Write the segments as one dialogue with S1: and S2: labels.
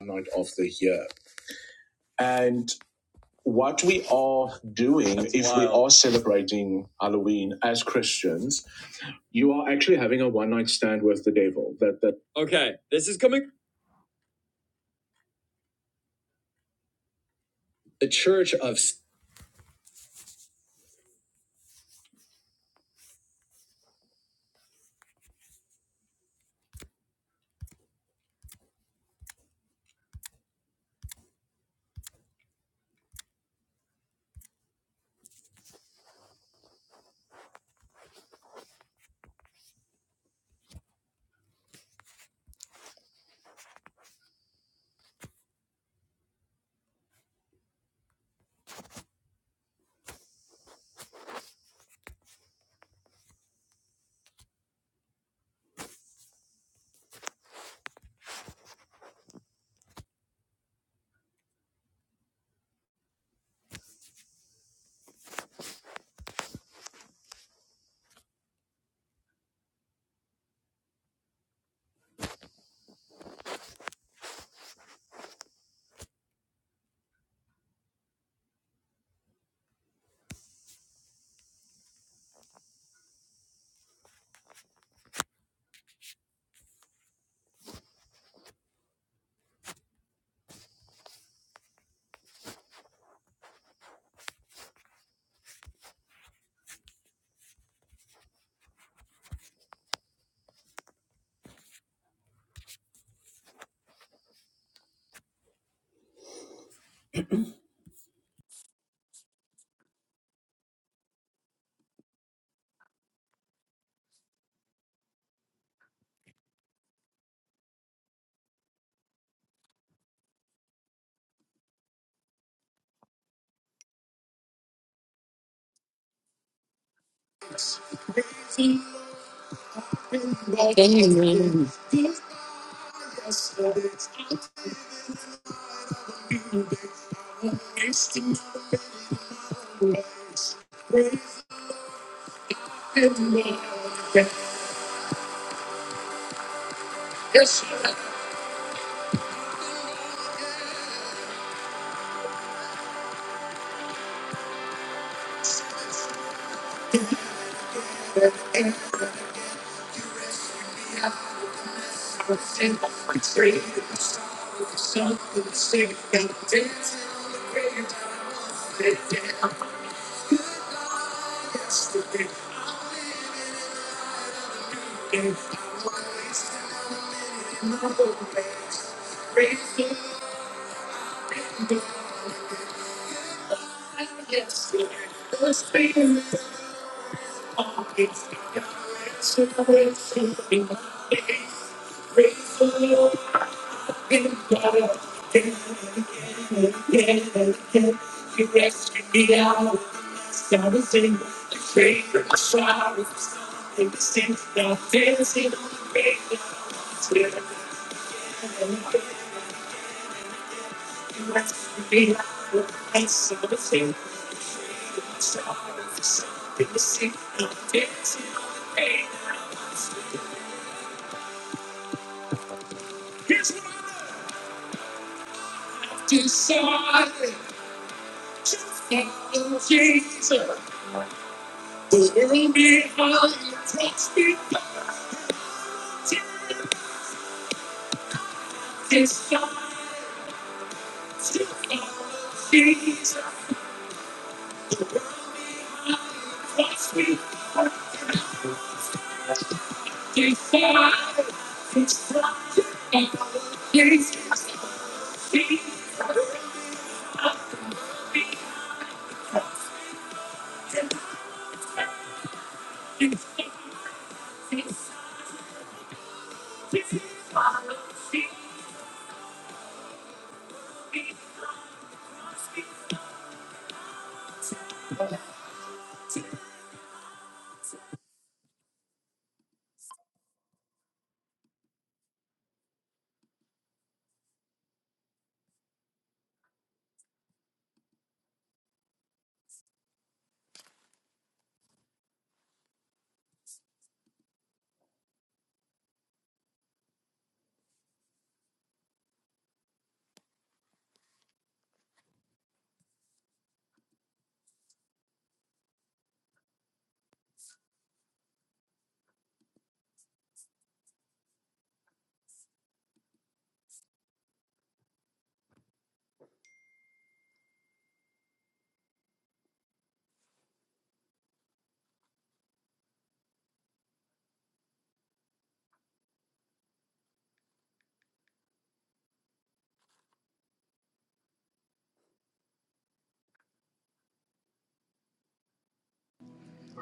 S1: night of the year. And what we are doing, That's if wild. we are celebrating Halloween as Christians, you are actually having a one night stand with the devil. That that. Okay, this is coming. The Church of.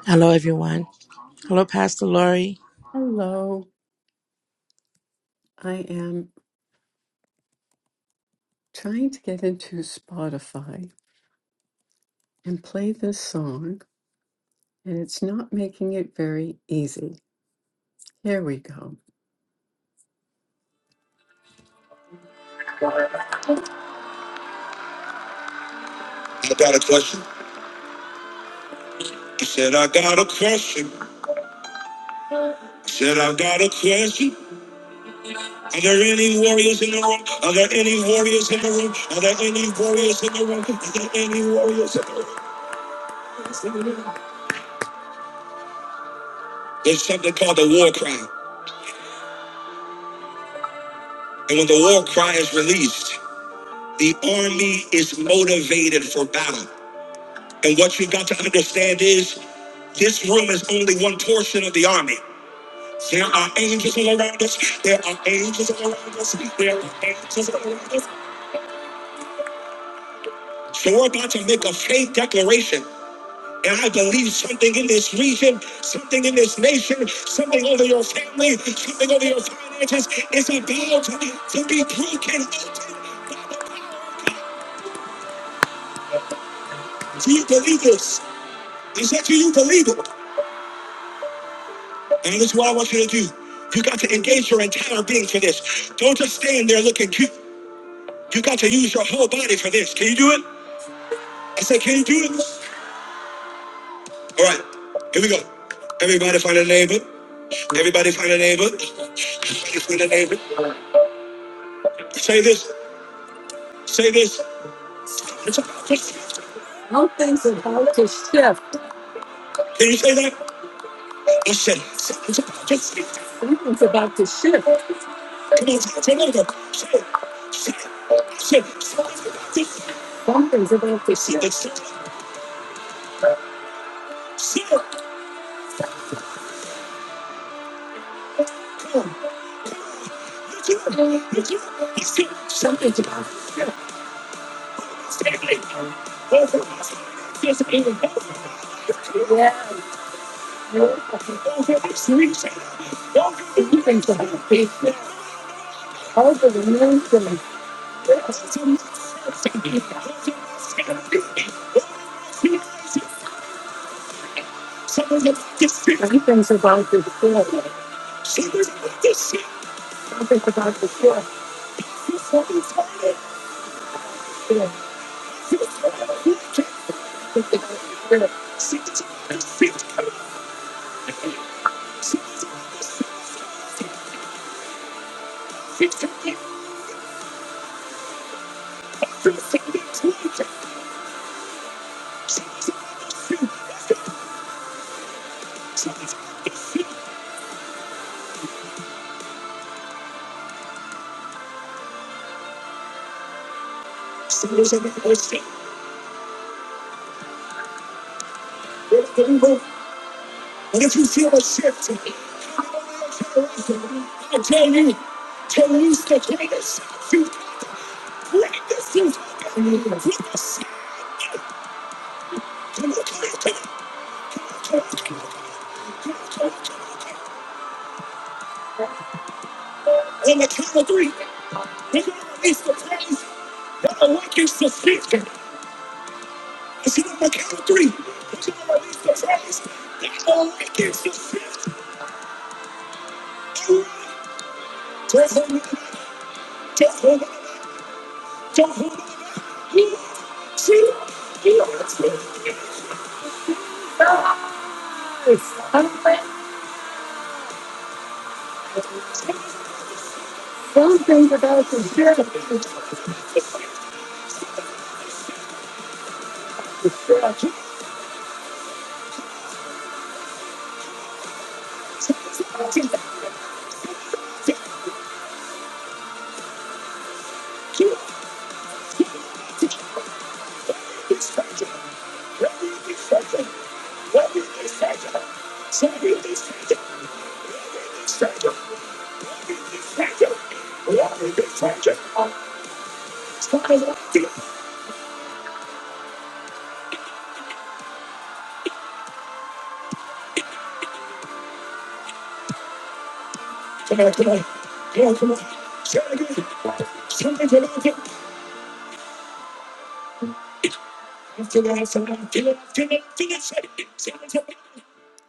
S2: Hello, everyone. Hello, Pastor Lori.
S1: Hello, I am trying to get into Spotify and play this song, and it's not making it very easy. Here we go. I got a question. I said, I got a question. I said, I got a question. Are there any warriors in the room? Are there any warriors in the room? Are there any warriors in the room? Are there any warriors in the room? There's something called the war cry. And when the war cry is released, the army is motivated for battle. And what you have got to understand is this room is only one portion of the army. There are angels all around us. There are angels all around us. There are angels all around us. So we're about to make a faith declaration. And I believe something in this region, something in this nation, something over your family, something over your finances is about to be broken. Do you believe this? Is that you? You believe it? And this is what I want you to do. You got to engage your entire being for this. Don't just stand there looking cute. You got to use your whole body for this. Can you do it? I said, can you do it? All right, here we go. Everybody find a neighbor. Everybody find a neighbor. Everybody find a neighbor. Say this. Say this. Can you say that? I said.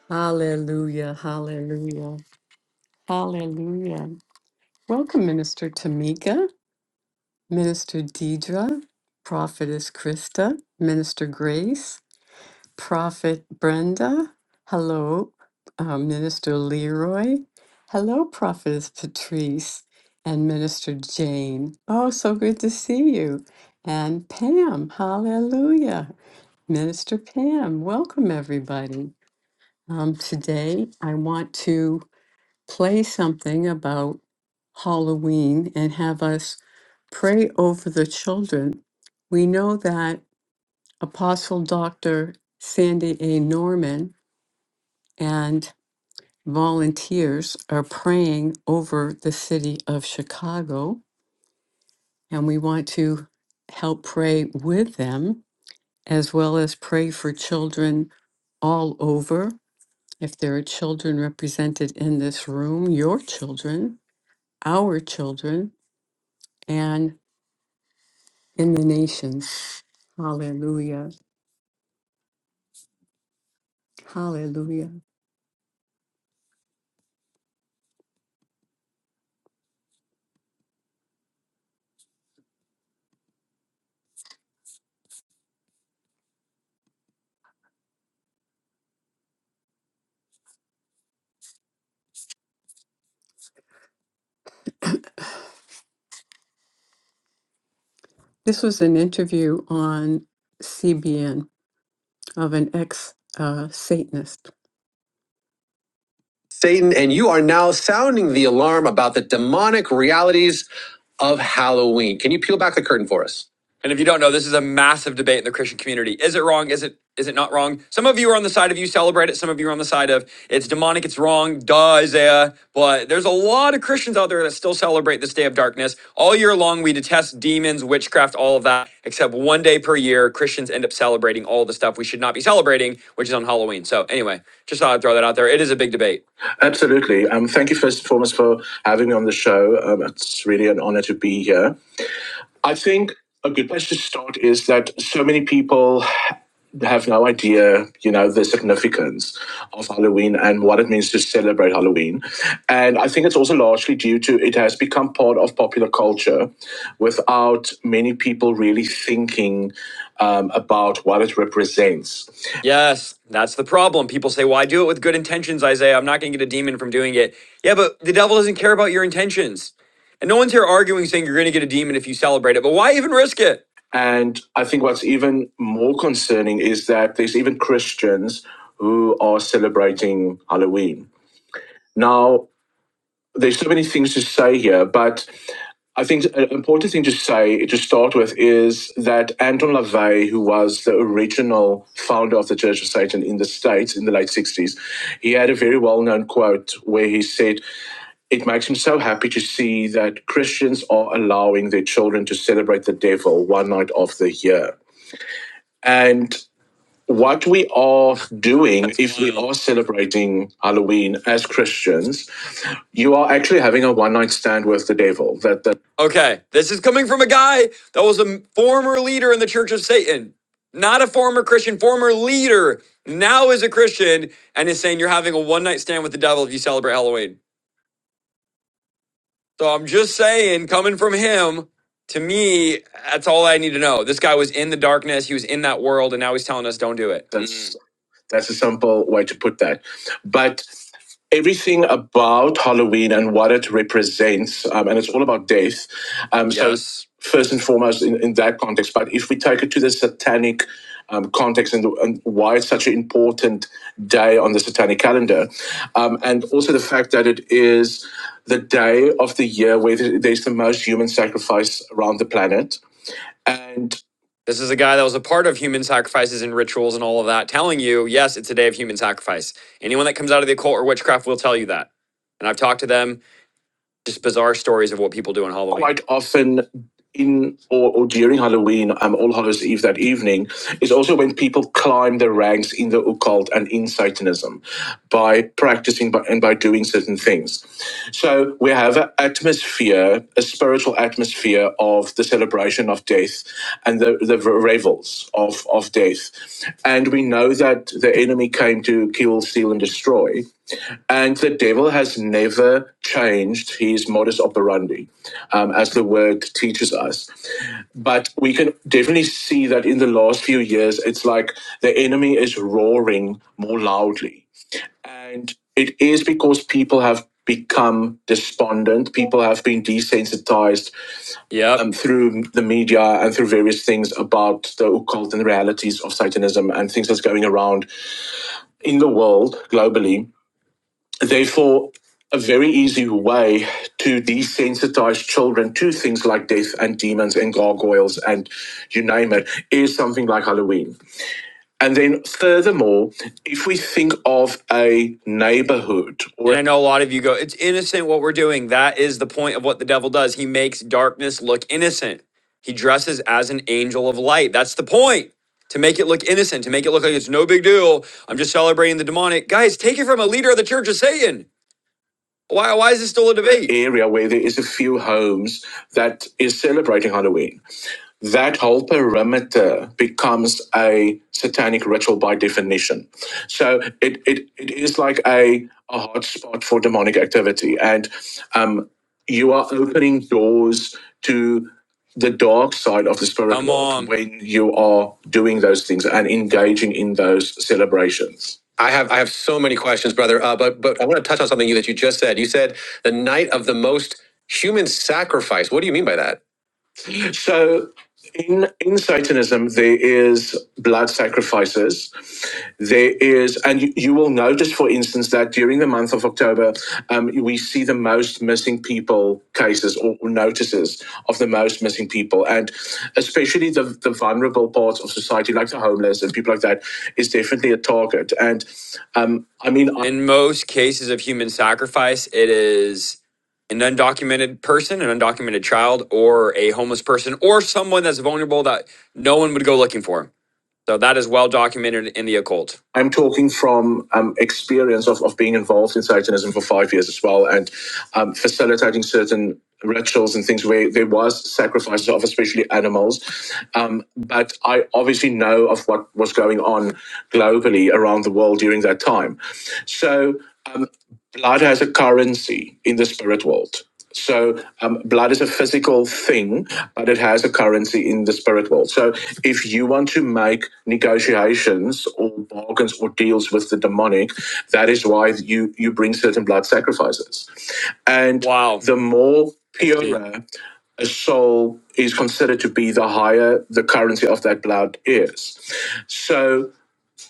S1: Hallelujah, hallelujah, hallelujah. Welcome, Minister Tamika, Minister Deidre, Prophetess Krista, Minister Grace, Prophet Brenda. Hello, uh, Minister Leroy. Hello, Prophetess Patrice and Minister Jane. Oh, so good to see you. And Pam, hallelujah. Minister Pam, welcome everybody. Um, today I want to play something about Halloween and have us pray over the children. We know that Apostle Dr. Sandy A. Norman and volunteers are praying over the city of Chicago, and we want to help pray with them as well as pray for children all over If there are children represented in this room, your children, our children, and in the nations. Hallelujah. Hallelujah. This was an interview on CBN of an ex uh, Satanist. Satan, and you are now sounding the alarm about the demonic realities of Halloween. Can you peel back the curtain for us? And if you don't know, this is a massive debate in the Christian community. Is it wrong? Is it is it not wrong? Some of you are on the side of you celebrate it. Some of you are on the side of it's demonic, it's wrong, duh, Isaiah. But there's a lot of Christians out there that still celebrate this day of darkness. All year long, we detest demons, witchcraft, all of that, except one day per year, Christians end up celebrating all the stuff we should not be celebrating, which is on Halloween. So anyway, just thought I'd throw that out there. It is a big debate. Absolutely. Um, thank you first and foremost for having me on the show. Um, it's really an honor to be here. I think a good place to start is that so many people have no idea, you know, the significance of Halloween and what it means to celebrate Halloween. And I think it's also largely due to it has become part of popular culture without many people really thinking um, about what it represents. Yes, that's the problem. People say, "Well, I do it with good intentions." Isaiah, I'm not going to get a demon from doing it. Yeah, but the devil doesn't care about your intentions, and no one's here arguing saying you're going to get a demon if you celebrate it. But why even risk it? And I think what's even more concerning is that there's even Christians who are celebrating Halloween. Now, there's so many things to say here, but I think an important thing to say to start with is that Anton LaVey, who was the original founder of the Church of Satan in the States in the late 60s, he had a very well known quote where he said, It makes him so happy to see that Christians are allowing their children to celebrate the devil one night of the year. And what we are doing, That's if wild. we are celebrating Halloween as Christians, you are actually having a one night stand with the devil. That, that Okay, this is coming from a guy that was a former leader in the Church of Satan, not a former Christian, former leader, now is a Christian, and is saying you're having a one night stand with the devil if you celebrate Halloween. So I'm just saying, coming from him, to me, that's all I need to know. This guy was in the darkness, he was in that world, and now he's telling us don't do it. that's Mm. That's a simple way to put that. But everything about Halloween and what it represents, um, and it's all about death. Um, yes. so yes. first and foremost, in, in that context, but if we take it to the satanic um, context and, and why it's such an important day on the satanic calendar, um, and also the fact that it is the day of the year where there's the most human sacrifice around the planet and this is a guy that was a part of human sacrifices and rituals and all of that, telling you, yes, it's a day of human sacrifice. Anyone that comes out of the occult or witchcraft will tell you that. And I've talked to them just bizarre stories of what people do on Halloween. quite often in or, or during Halloween, um, All Hallows Eve that evening, is also when people climb the ranks in the occult and in Satanism by practicing by, and by doing certain things. So we have an atmosphere, a spiritual atmosphere of the celebration of death and the, the revels of, of death. And we know that the enemy came to kill, steal, and destroy. And the devil has never changed his modus operandi, um, as the word teaches us. But we can definitely see that in the last few years, it's like the enemy is roaring more loudly. And it is because people have become despondent, people have been desensitized Yep. um, through the media and through various things about the occult and realities of Satanism and things that's going around in the world globally Therefore, a very easy way to desensitize children to things like death and demons and gargoyles and you name it is something like Halloween. And then, furthermore, if we think of a neighborhood or And I know a lot of you go, it's innocent what we're doing. That is the point of what the devil does. He makes darkness look innocent. He dresses as an angel of light. That's the point. To make it look innocent, to make it look like it's no big deal. I'm just celebrating the demonic. Guys, take it from a leader of the church of Satan. Why, why is this still a debate? area where there is a few homes that is celebrating Halloween that whole perimeter becomes a satanic ritual by definition. So it, it, it is like a, a hot spot for demonic activity. And um, you are opening doors to the dark side of the spirit Come world on. when you are doing those things and engaging in those celebrations. I have I have so many questions, brother. Uh, but but I want to touch on something you that you just said. You said the night of the most human sacrifice. What do you mean by that? So in in Satanism, there is blood sacrifices. There is, and you, you will notice, for instance, that during the month of October, um, we see the most missing people cases or notices of the most missing people, and especially the the vulnerable parts of society, like the homeless and people like that, is definitely a target. And um, I mean, I- In most cases of human sacrifice, it is an undocumented person, an undocumented child, or a homeless person, or someone that's vulnerable that no one would go looking for. So that is well documented in the occult. I'm talking from um, experience of, of being involved in Satanism for five years as well and um, facilitating certain rituals and things where there was sacrifices of especially animals. Um, but I obviously know of what was going on globally around the world during that time. So um, blood has a currency in the spirit world. So um, blood is a physical thing, but it has a currency in the spirit world. So if you want to make negotiations or bargains or deals with the demonic, that is why you you bring certain blood sacrifices. And Wow. the more purer a soul is considered to be, the higher the currency of that blood is. So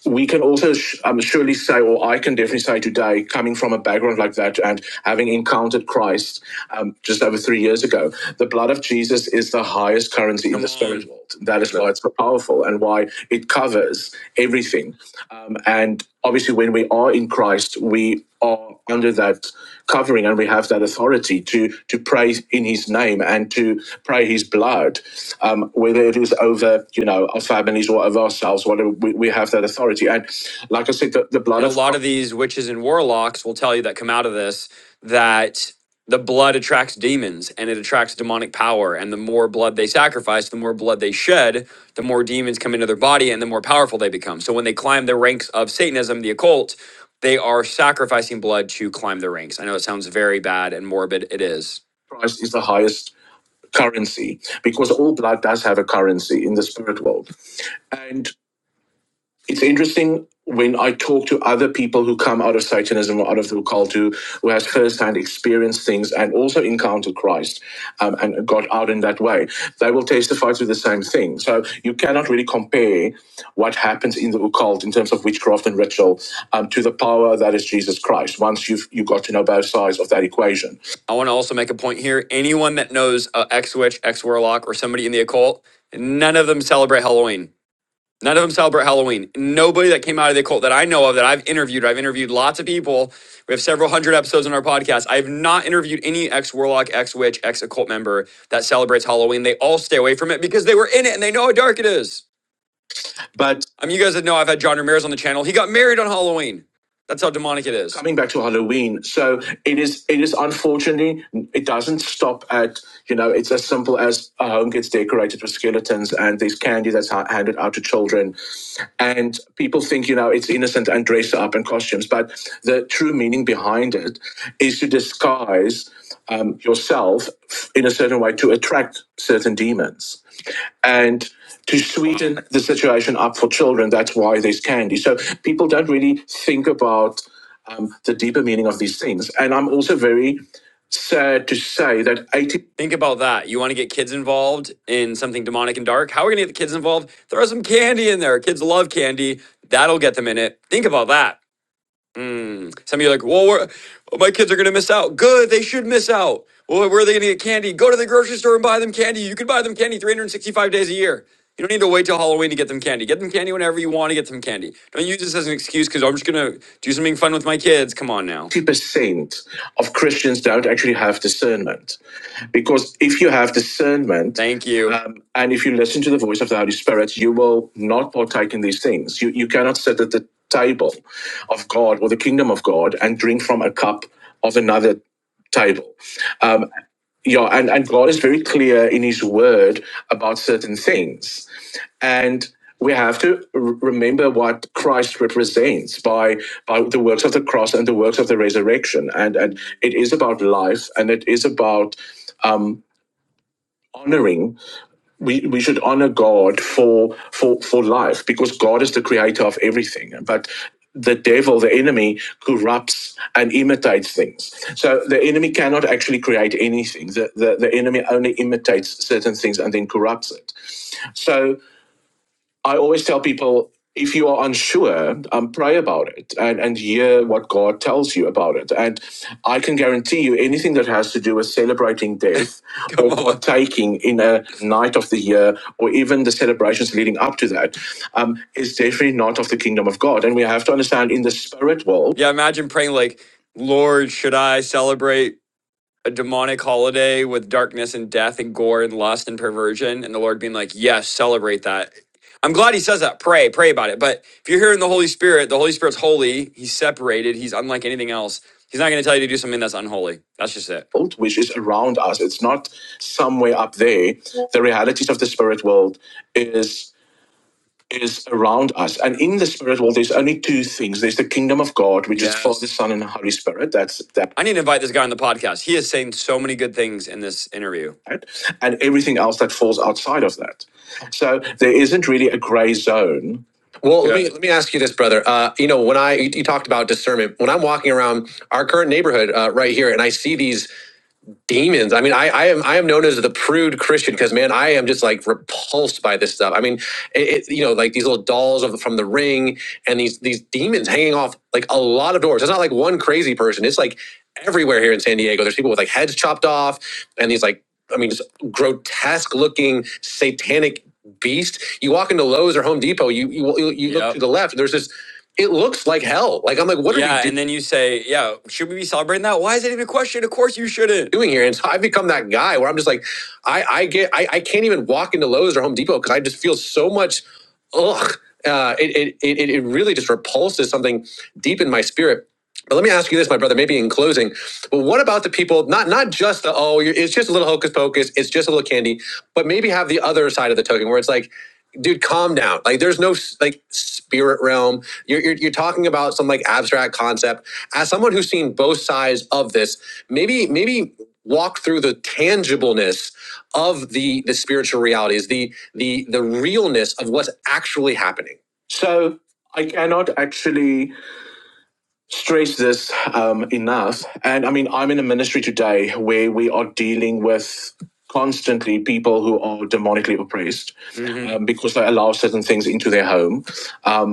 S1: we can also um, surely say, or I can definitely say today, coming from a background like that and having encountered Christ um, just over three years ago, the blood of Jesus is the highest currency in the spirit world. That is why it's so powerful and why it covers everything. Um, and obviously, when we are in Christ, we are under that covering and we have that authority to, to pray in his name and to pray his blood, um, whether it is over, you know, our families or over ourselves, whatever, we, we have that authority. And like I said, the, the blood And a of lot of these witches and warlocks will tell you that come out of this that the blood attracts demons and it attracts demonic power and the more blood they sacrifice the more blood they shed the more demons come into their body and the more powerful they become so when they climb the ranks of satanism the occult they are sacrificing blood to climb the ranks i know it sounds very bad and morbid it is Christ is the highest currency because all blood does have a currency in the spirit world. and it's interesting when I talk to other people who come out of Satanism or out of the occult who, who has firsthand experienced things and also encountered Christ um, and got out in that way, they will testify to the same thing. So you cannot really compare what happens in the occult in terms of witchcraft and ritual um, to the power that is Jesus Christ once you've, you've got to know both sides of that equation. I want to also make a point here. Anyone that knows uh, ex witch, ex warlock, or somebody in the occult, none of them celebrate Halloween. None of them celebrate Halloween. Nobody that came out of the cult that I know of that I've interviewed, I've interviewed lots of people. We have several hundred episodes on our podcast. I have not interviewed any ex warlock, ex witch, ex occult member that celebrates Halloween. They all stay away from it because they were in it and they know how dark it is. But I mean, you guys know I've had John Ramirez on the channel. He got married on Halloween. That's how demonic it is. coming back to Halloween, so it is. It is unfortunately, it doesn't stop at you know. It's as simple as a home gets decorated with skeletons and there's candy that's ha- handed out to children, and people think you know it's innocent and dress up in costumes. But the true meaning behind it is to disguise um, yourself in a certain way to attract certain demons and to sweeten the situation up for children. That's why there's candy. So people don't really think about um, the deeper meaning of these things. And I'm also very sad to say that 80. Think about that. You want to get kids involved in something demonic and dark? How are we going to get the kids involved? Throw some candy in there. Kids love candy. That'll get them in it. Think about that. Some of you are like, well, we're- oh, my kids are going to miss out. Good, they should miss out. Well, where are they going to get candy? Go to the grocery store and buy them candy. You can buy them candy 365 days a year. You don't need to wait till Halloween to get them candy. Get them candy whenever you want to get them candy. Don't use this as an excuse because I'm just going to do something fun with my kids. Come on now. 50% of Christians don't actually have discernment. Because if you have discernment Thank you. um, and if you listen to the voice of the Holy Spirit, you will not partake in these things. You, you cannot sit at the table of God or the kingdom of God and drink from a cup of another table. Um, yeah, and, and God is very clear in his word about certain things. And we have to r- remember what Christ represents by, by the works of the cross and the works of the resurrection. And, and it is about life and it is about um, honoring we, we should honor God for for for life because God is the creator of everything. But the devil, the enemy, corrupts and imitates things. So the enemy cannot actually create anything. The, the, the enemy only imitates certain things and then corrupts it. So I always tell people if you are unsure, um, pray about it and, and hear what God tells you about it. And I can guarantee you anything that has to do with celebrating death or on. partaking in a night of the year or even the celebrations leading up to that um, is definitely not of the kingdom of God. And we have to understand in the spirit world, Yeah, imagine praying like, Lord, should I celebrate? a demonic holiday with darkness and death and gore and lust and perversion, and the Lord being like, yes, celebrate that. I'm glad he says that. Pray, pray about it. But if you're hearing the Holy Spirit, the Holy Spirit's holy. He's separated. He's unlike anything else. He's not going to tell you to do something that's unholy. That's just it. world, which is around us. It's not somewhere up there. The realities of the spirit world is is around us. And in the spirit world, there's only two things. There's the kingdom of God, which yes. is Father, Yes. Son, and Holy Spirit. That's that I need to invite this guy on the podcast. He is saying so many good things in this interview. right? and everything else that falls outside of that. So there isn't really a gray zone. Well, yeah. let Yeah. me let me ask you this, brother. Uh, you know, when I you, you talked about discernment, when I'm walking around our current neighborhood uh, right here, and I see these demons. I mean, I, I am I am known as the prude Christian because man, I am just like repulsed by this stuff. I mean, it, it, you know, like these little dolls of, from the ring and these these demons hanging off like a lot of doors. It's not like one crazy person. It's like everywhere here in San Diego. There's people with like heads chopped off and these like I mean, just grotesque looking satanic beast. You walk into Lowe's or Home Depot, you you, you look Yep. to the left. There's this it looks like hell. Like I'm like, what are yeah, we Yeah, and then you say, yeah, should we be celebrating that? Why is it even a question? Of course you shouldn't. doing here? And so I've become that guy where I'm just like, I I get I, I can't even walk into Lowe's or Home Depot because I just feel so much ugh. Uh, it, it it it really just repulses something deep in my spirit. But let me ask you this, my brother, maybe in closing. But what about the people, not not just the, oh, you're, it's just a little hocus pocus, it's just a little candy, but maybe have the other side of the token where it's like, dude, calm down. Like, there's no like spirit realm. You're, you're you're talking about some like abstract concept. As someone who's seen both sides of this, maybe maybe walk through the tangibleness of the the spiritual realities, the the the realness of what's actually happening. So I cannot actually stress this um, enough. And I mean, I'm in a ministry today where we are dealing with constantly people who are demonically oppressed hmm um, because they allow certain things into their home. Um,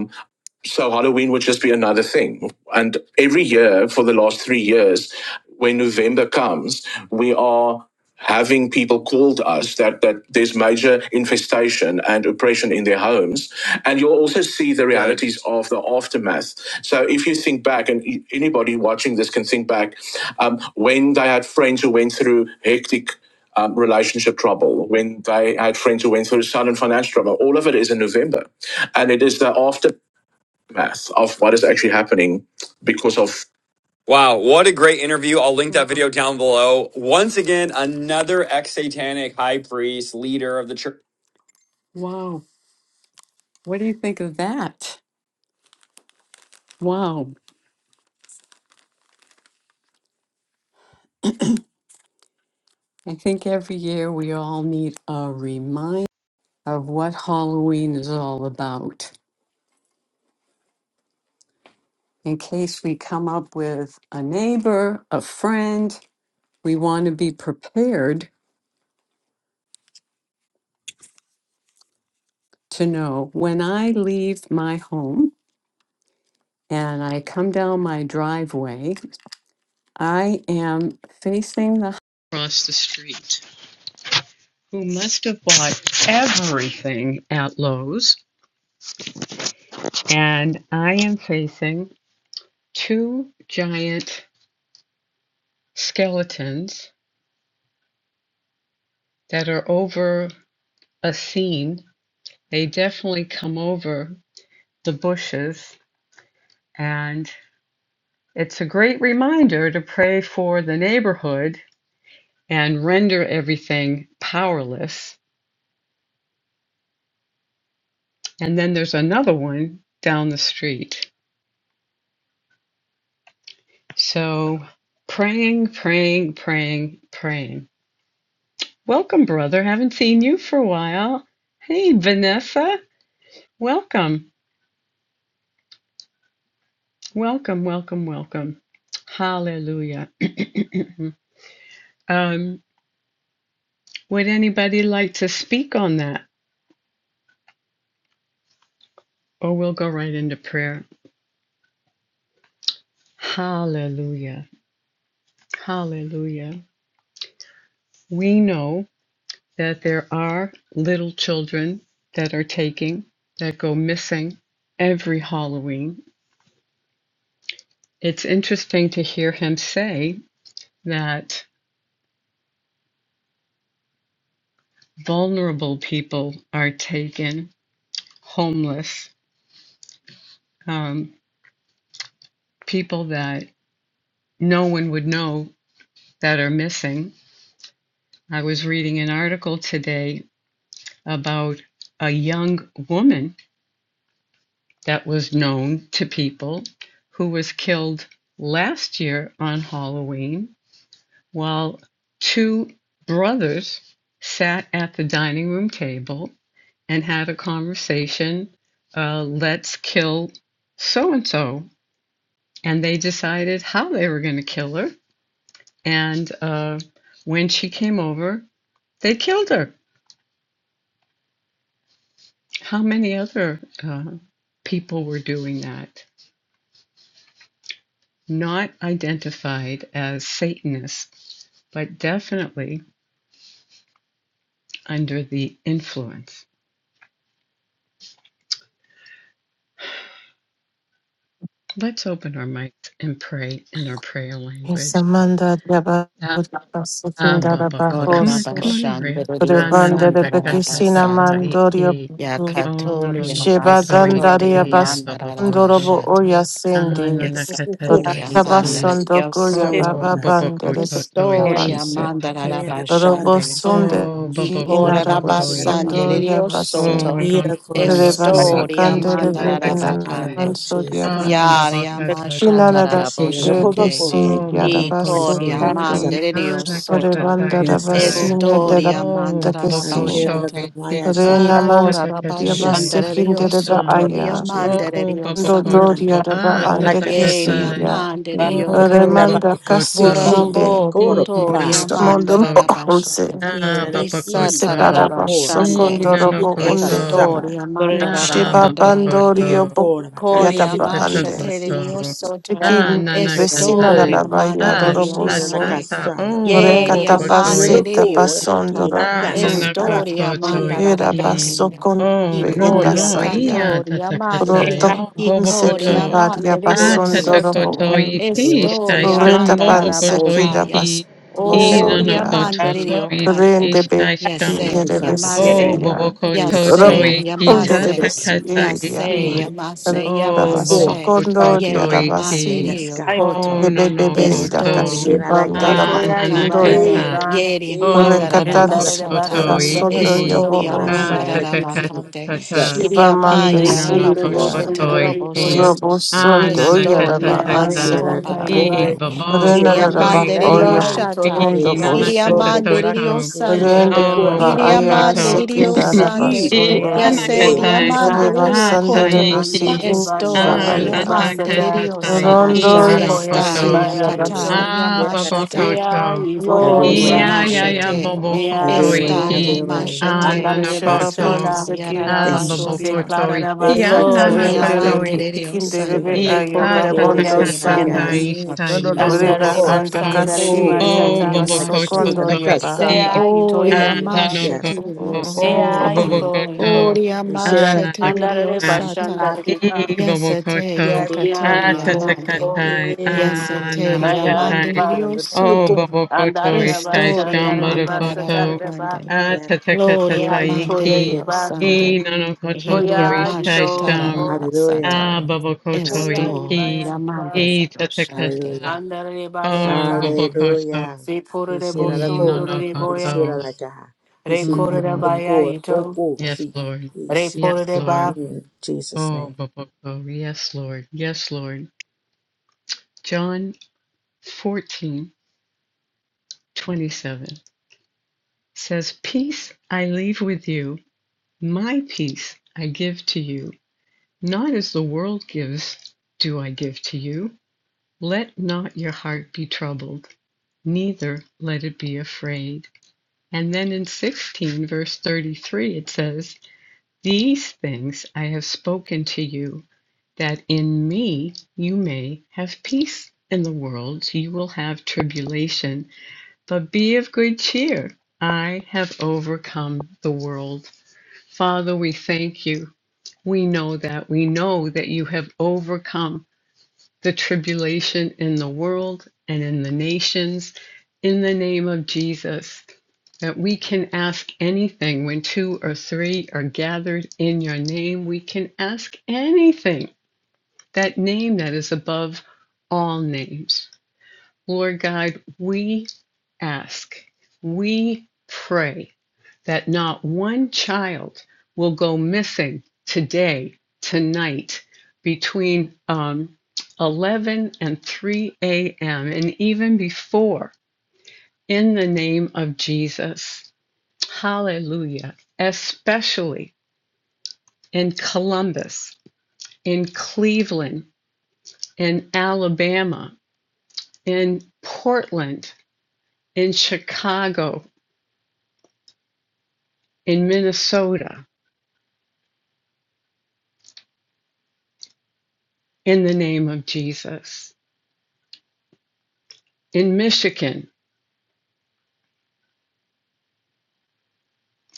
S1: so Halloween would just be another thing. And every year for the last three years, when November comes, we are having people called us that, that there's major infestation and oppression in their homes. And you'll also see the realities of the aftermath. So if you think back, and e- anybody watching this can think back, um, when they had friends who went through hectic um, relationship trouble, when they had friends who went through sudden financial trouble. All of it is in November. And it is the after math of what is actually happening because of Wow, what a great interview. I'll link that video down below. Once again, another ex satanic high priest, leader of the church. Wow. What do you think of that? Wow. I think every year we all need a reminder of what Halloween is all about. In case we come up with a neighbor, a friend, we want to be prepared to know when I leave my home. and I come down my driveway, I am facing the across the street who must have bought everything at Lowe's, and I am facing two giant skeletons that are over a scene. They definitely come over the bushes, and it's a great reminder to pray for the neighborhood and render everything powerless And then there's another one down the street. So praying, praying, praying, praying. Welcome, brother. Haven't seen you for a while. Hey, Vanessa. Welcome. Welcome, welcome, welcome. Hallelujah. um, would anybody like to speak on that? Or we'll go right into prayer. Hallelujah. Hallelujah. We know. that there are little children that are taking, that go missing every Halloween. It's interesting to hear him say that vulnerable people are taken, homeless, um, people that no one would know that are missing. I was reading an article today about a young woman that was known to people who was killed last year on Halloween while two brothers sat at the dining room table and had a conversation uh, let's kill so and so. And they decided how they were going to kill her. And uh, when she came over, they killed her. How many other uh, people were doing that? Not identified as Satanists, but definitely under the influence. Let's open our mics and pray in our prayer language.
S3: Isamanda
S1: Ah,
S3: Yabaruta
S1: ah, babako. Come on, come
S3: Sikindarabahoso Bahoso
S1: on, Maria.
S4: Orarabashandrio
S1: Ah, na na
S3: Rebanda
S1: ta ka ta ta
S3: Rebekisina
S1: ta
S4: Sandarabasata
S3: Mandorio
S1: iki. Oh no no
S4: Yakatoria
S1: koto
S2: Jesus.
S3: Shebadandaria
S4: Masotoria
S1: iki ah babakoto.
S3: Basundorobo Oya
S4: Mandarabashata
S1: Ah na
S3: Sendi
S1: na ka ta ta
S4: Yasatoria Mandara
S1: iki.
S3: Rabasandokuria
S2: Yes,
S1: Oh
S4: Yosuto
S3: Baba
S2: Lord.
S3: Bandere
S1: babakoto to
S4: Historia
S1: iki ta
S3: Namanse
S1: ta ka ta.
S2: Yes, Lord.
S3: Robo
S4: Mandarabashande
S3: Sunde
S1: Oh
S3: Ki
S1: babakoto to iki.
S3: Inarabasundoria
S4: Yikorabasandrio
S3: Vase
S1: Oh
S4: Soto
S1: no no koto to
S3: Rebasa
S4: Historia
S1: iki ta
S3: Kanderebe
S1: ta ka ta.
S4: Mandarabakande
S3: Inanansoria
S1: Ah, Baba
S4: Yariamasha
S3: Shinana
S1: Katataiki.
S4: Tararaboshande.
S3: Dekisi
S1: Oh, Baba
S4: Y Coria
S3: Yarabaso
S1: Kotoiki.
S4: Manderio
S1: Nana
S4: Soto.
S3: Rebanda
S1: Katataitai.
S2: Have your
S3: rabasine de
S2: way,
S4: Estoria
S2: Lord.
S1: Oh, Baba
S2: Yes,
S3: rabakesin.
S4: Mandarabashata.
S1: Kotoiki.
S2: God.
S4: Y
S3: Rena
S1: Ah,
S3: mans
S4: Cora
S1: Tata
S2: Yes,
S1: Katatai.
S3: diabasekin de
S4: Rabashandario
S3: reba
S1: Shasham.
S4: Soto. Ria
S3: aya.
S2: God.
S1: Oh,
S4: Manderio
S1: Baba
S4: Sande.
S3: Dodoria
S1: Koto.
S3: reba
S1: Ah,
S3: ande
S1: Tata
S4: Yeria
S3: kesilia.
S2: Hum,
S4: Manderio
S2: que
S1: Oh,
S2: tira ba-
S4: Cande.
S3: Remanda
S1: Baba
S2: e
S3: kasi
S1: Koto.
S2: sim, e
S3: inde.
S4: Borarabo
S1: E
S4: Potoria
S1: Nano
S3: Stamondo onse.
S4: Mandarabashata.
S2: Ina
S1: Ah,
S2: na ki
S4: Isa
S1: babakoto.
S3: Onse
S1: Koto.
S3: paraba
S2: kora.
S1: E
S4: Tararabashande.
S1: Nano
S2: Ina
S3: sokondorobo
S2: na
S3: unde.
S2: kasana.
S4: Estoria
S2: Mm.
S1: Ah,
S3: Sheba
S1: babakoto.
S4: Mandarabandaya.
S2: Kira
S3: bandorio bo
S2: kora
S4: Coria
S1: E
S2: makasi.
S3: yadaba
S4: Masha
S3: ande.
S2: Jesus, Jesus.
S1: totokoto.
S4: Tediosoto
S1: Ah,
S3: Rikin
S2: Ina no
S3: vesina na
S1: nanakatai.
S4: Estoria
S2: kora.
S3: rabaya
S1: Ah,
S4: Mandelerio
S3: rorobo
S1: ta
S2: Ina na
S3: son.
S1: ta
S4: Cande
S1: ta.
S2: kasana.
S1: Oh,
S2: Ina na
S1: bobo
S4: Yeria
S2: kasina
S1: kotoi.
S3: Rekatapase
S2: no
S4: Mandelerio
S2: kora.
S3: tapason
S4: Coto
S2: Ina
S1: Ah,
S3: dorosuya.
S1: nanako
S2: kasana.
S4: Estoria
S2: Yeah,
S3: Era
S2: Lord. Yes.
S1: Nanakototoiki.
S4: Mandarabacanda
S3: basokon
S1: Oh,
S2: The
S1: no,
S3: inda
S4: Icoria
S2: kingdom
S1: no,
S2: of
S3: saria.
S1: ia
S2: God.
S4: Catoria
S2: The
S4: Mande
S1: tatakatai.
S3: Proto
S2: kingdom
S1: Oh,
S2: of God. Ina na
S3: seki
S4: Icoria
S1: Bobokoto.
S2: kasana.
S3: paria
S1: Ah,
S4: Mandelerio
S3: bason
S2: Yes,
S4: Soto
S2: Lord.
S3: dorobo un.
S2: Have your
S1: tatakotoiki.
S2: way
S1: Shtai
S2: today.
S4: Estoria
S3: Reta
S1: shon
S3: pan
S2: All
S3: seki
S2: day.
S3: da
S4: Mandarabahaya
S1: bobokotoiki. I
S2: Ina na.
S4: Oria
S3: basobosoya.
S2: Thank
S4: Mandelerio
S1: nanakototoiki.
S4: Cande
S3: Rende be
S1: Shtai shon.
S3: kinde
S4: Yase
S2: you,
S3: de
S2: Father God.
S1: Oh,
S4: Yamase
S3: beseria.
S4: Yase
S1: bobokototoiki.
S3: Robonde de
S4: Yamase
S2: Yeshinakishinakora.
S3: besieria.
S4: Yase,
S1: Tatakataiki.
S2: Mighty
S4: yamase,
S3: Da
S1: Oh,
S4: yamase,
S2: Korabakas.
S3: basokondo dia
S4: yere
S3: da
S4: amande
S1: bobokototoiki.
S3: basi.
S2: Yes,
S4: rio
S2: God.
S1: Oh,
S4: koto,
S3: De bebe
S2: Yes,
S1: nanako
S3: benda
S2: God.
S4: estori
S1: to.
S4: amande
S3: kashibanda
S2: Yeshinakash.
S3: da
S1: Ah,
S4: rio
S5: Ekoya
S4: kande,
S5: ibaya
S3: bandoria.
S2: Hey,
S1: nanakatai.
S2: Lord.
S5: iba
S4: yere
S2: Hey.
S4: amanda
S1: Oh
S3: Rekatan
S5: endare
S3: seki
S5: de
S2: Osana
S3: da
S4: rarabashata,
S1: Bobokototo
S5: basan dare de
S3: basondo
S2: Korabako.
S1: iti
S5: boson
S4: estori
S2: you.
S5: dare
S3: yobo.
S5: de
S4: amanda
S5: baya
S4: rarabakande,
S1: atatakatata
S2: Jesus.
S4: iri
S3: Shiva
S2: Ah,
S4: amaya
S5: repuru de
S2: Yes,
S3: Mandasivya
S4: raraboshete
S5: boson
S1: inanakototo
S2: Lord.
S5: dare de
S1: iki
S5: boya
S2: Yes,
S4: rarabosoto,
S2: Lord. Thank you.
S3: Robosundo
S4: estori
S3: Yadaba
S5: ya
S1: ananakatataka
S4: amanda
S5: ikoya
S3: Ansika
S1: i
S5: iba
S4: rarabakande,
S2: Yeshinakore.
S4: iri
S1: bobokoto
S3: Renadaba
S4: amande rio
S1: iki
S5: demba
S2: Yeshinakasinanai.
S4: shata,
S5: itoya
S3: Oyakundo
S5: iba
S4: iri
S3: Bosu
S4: amande
S2: Yeshinakokora
S4: rio
S1: inanakatatoto
S4: sande,
S5: endare
S1: o
S5: de
S2: kasinanokora.
S3: Rendeva
S4: iri
S5: basan dare
S3: Aya
S1: bobokoto
S4: amande
S5: de
S4: rio
S3: Sekindaraba
S4: sande,
S2: Yeshikiro
S5: Rea
S2: kora.
S3: Sundo
S4: Ya se
S2: Era
S5: Yeboya
S1: inanakatai
S4: diamante
S5: Yuka,
S4: de
S2: kasara.
S3: Reba
S4: Dios
S3: Sanderebe
S4: coto,
S2: Jesus,
S5: Ande
S1: ataiki
S5: Reba
S3: Sikundaba
S4: esto
S2: Jesus,
S5: Shanda
S3: Aya
S2: Jesus.
S5: Reba
S4: diamante de
S5: Seta,
S4: Dios
S1: alatakatai
S4: sal,
S2: I shout
S3: Rondo
S2: out,
S5: Sequoia
S1: inanakoto
S4: está
S2: hey,
S4: ya
S3: Sivya
S5: Ibaya
S2: Jesus.
S5: Yuko,
S3: Basi
S4: cataria
S2: Yes, God.
S4: machata,
S5: Rea
S1: ababokoto
S2: Have
S5: Yeboya
S3: Robon
S2: your
S4: gloria
S2: way,
S5: Iba,
S1: yeah,
S2: have
S3: Seki
S1: yeah,
S2: your
S1: yeah,
S2: way.
S4: machete,
S1: Bobo
S2: Have
S5: Rea
S1: Koto
S2: your way, have
S4: estaria
S5: Yuko,
S2: your
S1: Iki,
S2: way.
S4: machete,
S5: Ambara
S1: Anana
S5: Reba
S2: Yes,
S3: Shabapan
S2: God.
S1: Koto,
S4: hita
S5: Shata,
S3: Seki
S2: God,
S1: ah
S2: thank you.
S1: Bobo
S3: Surya
S4: yarabashata,
S1: Koto
S5: Seclara Reba
S1: Iki,
S2: Thank you,
S5: Sata
S1: Anana
S4: gloria
S2: Jesus.
S5: Rebaya,
S3: Renderebe
S2: Thank
S4: mande
S2: you,
S4: de
S1: koto
S4: Dios
S2: Jesus. Thank
S3: Kinderebe
S4: santo,
S2: you.
S3: Aya
S5: Secora
S1: Ita
S3: Ba
S1: ta ta ta
S2: Hey,
S3: Ondo
S1: ta
S2: shit,
S5: Reboya
S2: I
S3: So
S4: in
S5: Iba,
S4: the
S2: got
S4: name
S1: Ikatatatata
S2: Mm,
S4: of
S2: No,
S1: isha
S2: no, no, no
S1: isham
S2: no.
S5: Andare
S2: I
S3: Reba
S4: Jesus.
S5: Reba
S2: more.
S1: bobokoto.
S5: Sanda
S4: Oh,
S5: Reba
S3: andakashi
S2: Casina,
S1: O
S5: Shata,
S4: gloria
S2: casina, la
S1: bobokoto
S2: casina, la
S1: to
S4: machata,
S3: masokondoriaba.
S1: iki.
S2: casada.
S5: Sea
S4: oh,
S5: Yutoya
S2: Hey,
S4: ya
S2: Lord.
S5: Iba,
S4: diamante
S2: Yes.
S4: de Dios
S1: Ananokoto.
S4: santo,
S5: Rea
S1: O
S2: Mm, Jesus.
S5: Yuko
S4: oh,
S1: bobokoto.
S5: Yuko,
S4: ya
S2: You shit out
S4: diamante de
S5: Andare
S4: Dios
S5: Reba
S1: Ananakata.
S4: sata.
S5: Shanda
S2: of
S1: I
S5: Reba,
S4: Yasete
S1: bobokoto.
S2: Yes.
S5: Rea
S4: yakatori
S5: Yuko
S4: amande.
S5: Yuko,
S2: Yeah,
S1: Atatatai.
S2: you see, I
S4: Yasete
S2: see that I
S5: Aya
S2: can
S4: amande
S1: Ananakatai.
S2: see
S5: Iba.
S2: that. Let the
S1: O
S2: go.
S4: riosoto.
S1: bobokoto
S5: Andareba
S1: isha
S4: Estori
S1: isham
S4: amanda
S5: shandareba
S1: bobokoto.
S5: satareba.
S4: rarabakande.
S2: Yes,
S4: Gloria
S5: Beya
S1: Atatatatai
S4: amande
S2: you see
S5: ipoya
S1: iki.
S2: that.
S5: iba.
S1: I
S4: riosande.
S1: nanokoto
S4: Hiri
S1: to
S5: Boya
S1: isha
S4: amasha
S5: ito
S1: isham.
S5: ibo.
S2: Hallelujah.
S4: tararabasata.
S1: Ah, Bobokoto
S5: Ipoya
S2: Hallelujah.
S4: Esto
S5: iba
S1: iki
S5: ya iba.
S4: yamande
S2: Yes.
S1: i
S4: riosande.
S2: Hallelujah.
S1: tatakata.
S5: Andareba
S1: Oh,
S5: shata.
S1: Bobokoto
S2: Hallelujah. You see
S5: Seporebo
S2: that I
S1: i no
S2: go.
S1: no
S2: You see
S5: sondoreboya.
S2: that
S1: koto.
S2: I got. You see, let the
S1: Mm,
S5: Rekoreba ya
S2: go. Go,
S5: ito.
S2: go.
S1: yes,
S2: See.
S1: Lord.
S2: You see.
S1: Yes, Lord.
S5: Reporeba.
S2: In Jesus'
S1: Oh,
S2: name.
S1: Boboko. Yes, Lord. Yes, Lord. John fourteen twenty seven says, Peace I leave with you, my peace I give to you. Not as the world gives, do I give to you. Let not your heart be troubled neither let it be afraid. And then in 16, verse 33, it says, These things I have spoken to you, that in me you may have peace. In the world you will have tribulation, but be of good cheer. I have overcome the world. Father, we thank you. We know that. We know that you have overcome the tribulation in the world and in the nations in the name of Jesus that we can ask anything when two or three are gathered in your name. We can ask anything, that name that is above all names. Lord God, we ask, we pray that not one child will go missing today, tonight, between um, 11 and 3 a.m., and even before, in the name of Jesus. Hallelujah. Especially in Columbus, in Cleveland, in Alabama, in Portland, in Chicago, in Minnesota, in the name of Jesus, in Michigan,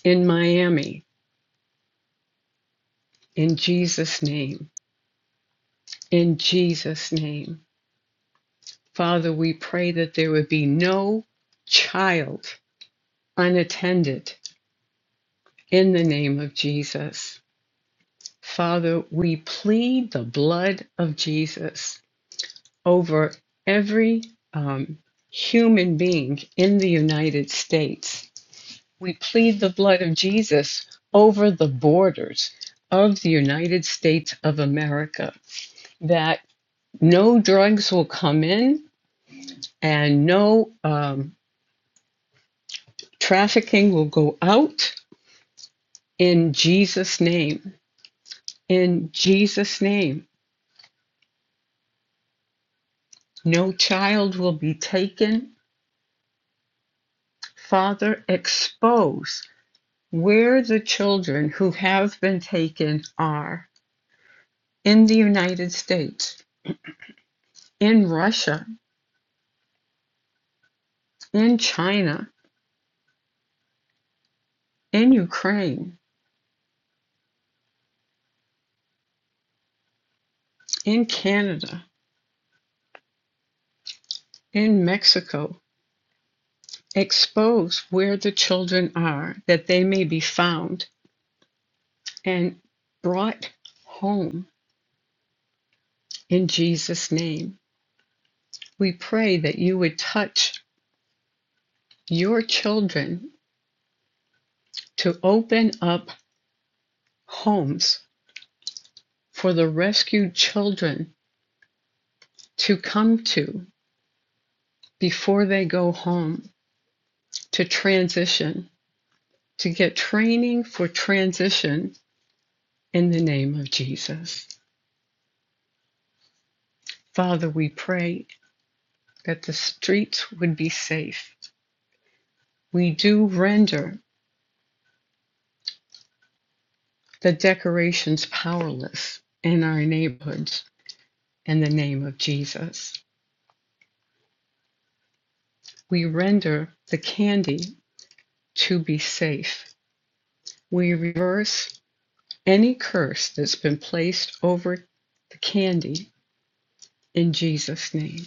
S1: in Miami, in Jesus' name, in Jesus' name. Father, we pray that there would be no child unattended in the name of Jesus. Father, we plead the blood of Jesus over every um, human being in the United States. We plead the blood of Jesus over the borders of the United States of America that no drugs will come in and no um, trafficking will go out in Jesus' name. In Jesus' name, no child will be taken Father, expose where the children who have been taken are in the United States, in Russia, in China, in Ukraine, in Canada, in Mexico. Expose where the children are that they may be found and brought home in Jesus' name. We pray that you would touch your children to open up homes for the rescued children to come to before they go home to transition, to get training for transition in the name of Jesus. Father, we pray that the streets would be safe. We do render the decorations powerless in our neighborhoods in the name of Jesus. We render the candy to be safe. We reverse Any curse that's been placed over the candy in Jesus' name.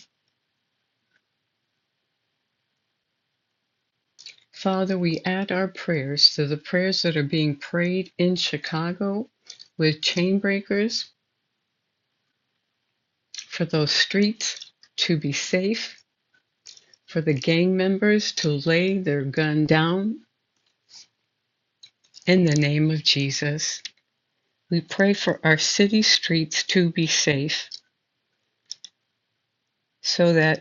S1: Father, we add our prayers to the prayers that are being prayed in Chicago with chain breakers for those streets to be safe, for the gang members to lay their gun down in the name of Jesus. We pray for our city streets to be safe so that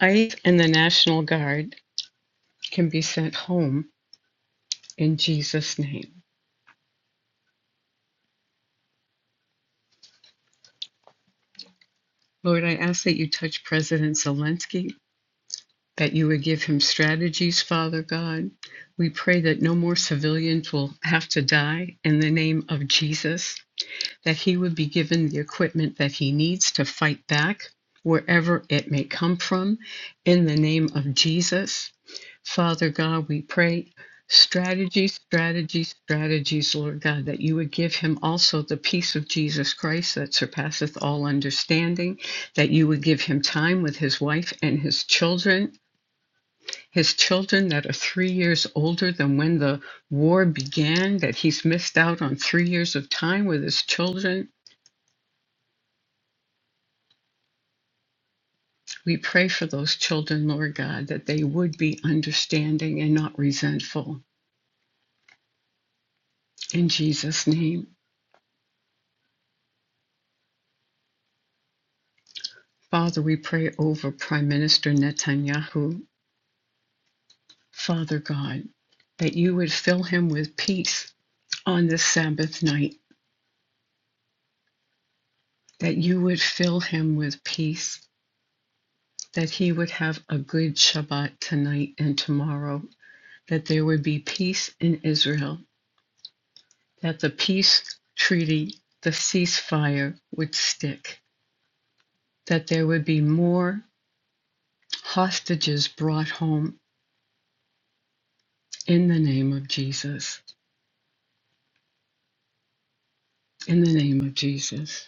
S1: ICE and the National Guard can be sent home in Jesus' name. Lord, I ask that you touch President Zelensky, that you would give him strategies, Father God. We pray that no more civilians will have to die in the name of Jesus, that he would be given the equipment that he needs to fight back wherever it may come from in the name of Jesus. Father God, we pray strategies, strategies, strategies, Lord God, that you would give him also the peace of Jesus Christ that surpasseth all understanding, that you would give him time with his wife and his children. His children that are three years older than when the war began, that he's missed out on three years of time with his children. We pray for those children, Lord God, that they would be understanding and not resentful. In Jesus' name. Father, we pray over Prime Minister Netanyahu, Father God, that you would fill him with peace on this Sabbath night, that you would fill him with peace, that he would have a good Shabbat tonight and tomorrow, that there would be peace in Israel, that the peace treaty, the ceasefire would stick, that there would be more hostages brought home in the name of Jesus. In the name of Jesus.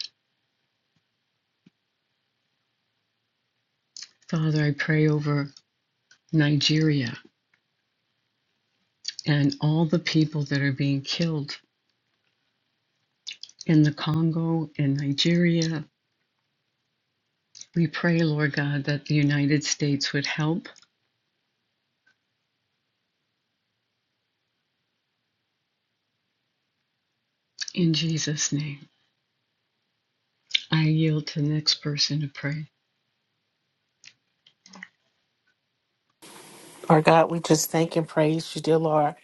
S1: Father, I pray over Nigeria and all the people that are being killed in the Congo and Nigeria. We pray, Lord God, that the United States would help in Jesus' name. I yield to the next person to pray.
S6: Our God, we just thank and praise you, dear Lord,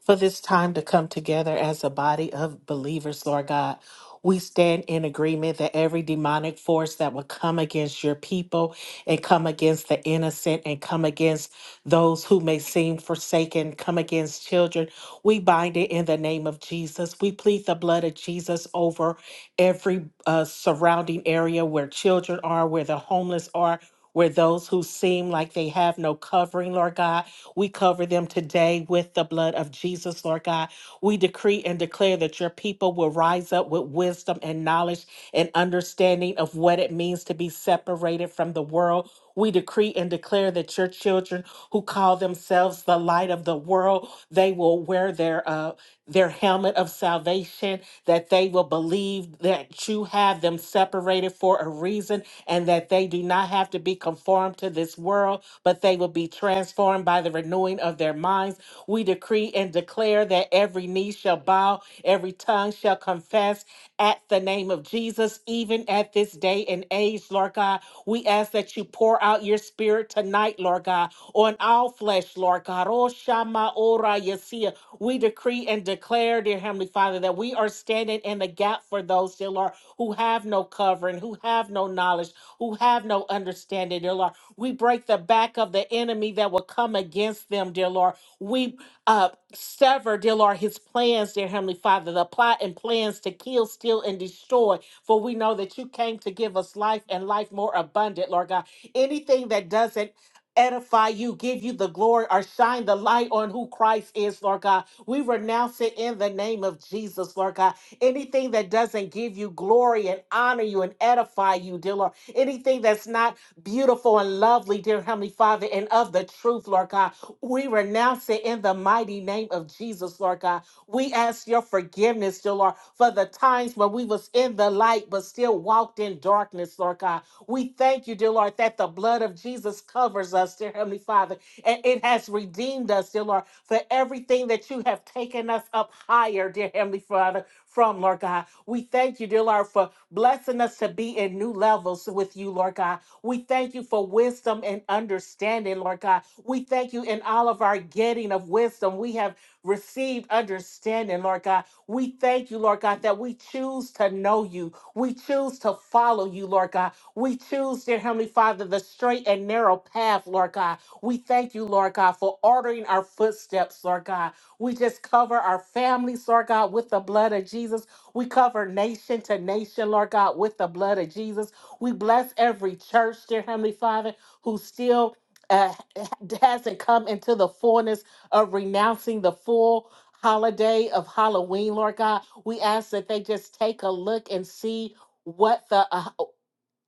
S6: for this time to come together as a body of believers, Lord God. We stand in agreement that every demonic force that will come against your people and come against the innocent and come against those who may seem forsaken, come against children, we bind it in the name of Jesus. We plead the blood of Jesus over every uh, surrounding area where children are, where the homeless are, where those who seem like they have no covering, Lord God. We cover them today with the blood of Jesus, Lord God. We decree and declare that your people will rise up with wisdom and knowledge and understanding of what it means to be separated from the world. We decree and declare that your children who call themselves the light of the world, they will wear their uh, their helmet of salvation, that they will believe that you have them separated for a reason and that they do not have to be conformed to this world, but they will be transformed by the renewing of their minds. We decree and declare that every knee shall bow, every tongue shall confess at the name of Jesus. Jesus, even at this day and age, Lord God. We ask that you pour out your spirit tonight, Lord God, on all flesh, Lord God. Oh, Shama Ora Yesia. We decree and declare, dear Heavenly Father, that we are standing in the gap for those, dear Lord, who have no covering, who have no knowledge, who have no understanding, dear Lord. We break the back of the enemy that will come against them, dear Lord. We uh, sever, dear Lord, his plans, dear Heavenly Father, the plot and plans to kill, steal, and destroy for we know that you came to give us life and life more abundant, Lord God. Anything that doesn't edify you, give you the glory, or shine the light on who Christ is, Lord God. We renounce it in the name of Jesus, Lord God. Anything that doesn't give you glory and honor you and edify you, dear Lord. Anything that's not beautiful and lovely, dear Heavenly Father, and of the truth, Lord God. We renounce it in the mighty name of Jesus, Lord God. We ask your forgiveness, dear Lord, for the times when we was in the light but still walked in darkness, Lord God. We thank you, dear Lord, that the blood of Jesus covers us, dear Heavenly Father, and it has redeemed us, dear Lord, for everything that you have taken us up higher, dear Heavenly Father, from, Lord God. We thank you, dear Lord, for blessing us to be in new levels with you, Lord God. We thank you for wisdom and understanding, Lord God. We thank you in all of our getting of wisdom. We have received understanding, Lord God. We thank you, Lord God, that we choose to know you. We choose to follow you, Lord God. We choose, dear Heavenly Father, the straight and narrow path, Lord God. We thank you, Lord God, for ordering our footsteps, Lord God. We just cover our families, Lord God, with the blood of Jesus. We cover nation to nation, Lord God, with the blood of Jesus. We bless every church, dear Heavenly Father, who still uh, hasn't come into the fullness of renouncing the full holiday of Halloween, Lord God. We ask that they just take a look and see what the uh,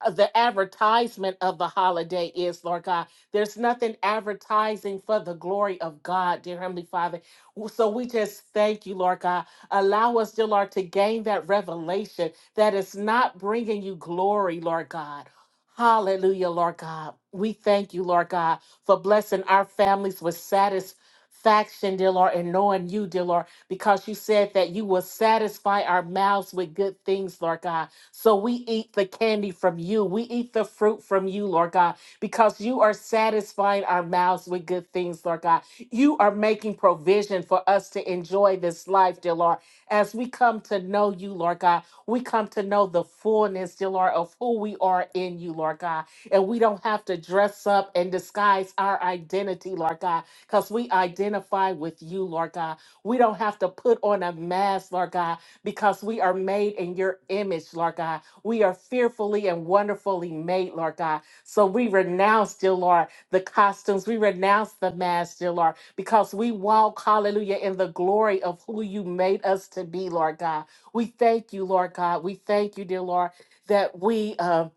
S6: uh, the advertisement of the holiday is, Lord God. There's nothing advertising for the glory of God, dear Heavenly Father. So we just thank you, Lord God. Allow us, dear Lord, to gain that revelation that is not bringing you glory, Lord God. Hallelujah, Lord God. We thank you, Lord God, for blessing our families with satisfaction, dear Lord, and knowing you, dear Lord, because you said that you will satisfy our mouths with good things, Lord God. So we eat the candy from you. We eat the fruit from you, Lord God, because you are satisfying our mouths with good things, Lord God. You are making provision for us to enjoy this life, dear Lord. As we come to know you, Lord God, we come to know the fullness, dear Lord, of who we are in you, Lord God. And we don't have to dress up and disguise our identity, Lord God, because we identify with you, Lord God. We don't have to put on a mask, Lord God because we are made in your image, Lord God. We are fearfully and wonderfully made, Lord God. So we renounce, dear Lord, the costumes. We renounce the mask, dear Lord, because we walk, hallelujah, in the glory of who you made us to be, Lord God. We thank you, Lord God. We thank you, dear Lord, that we. Um,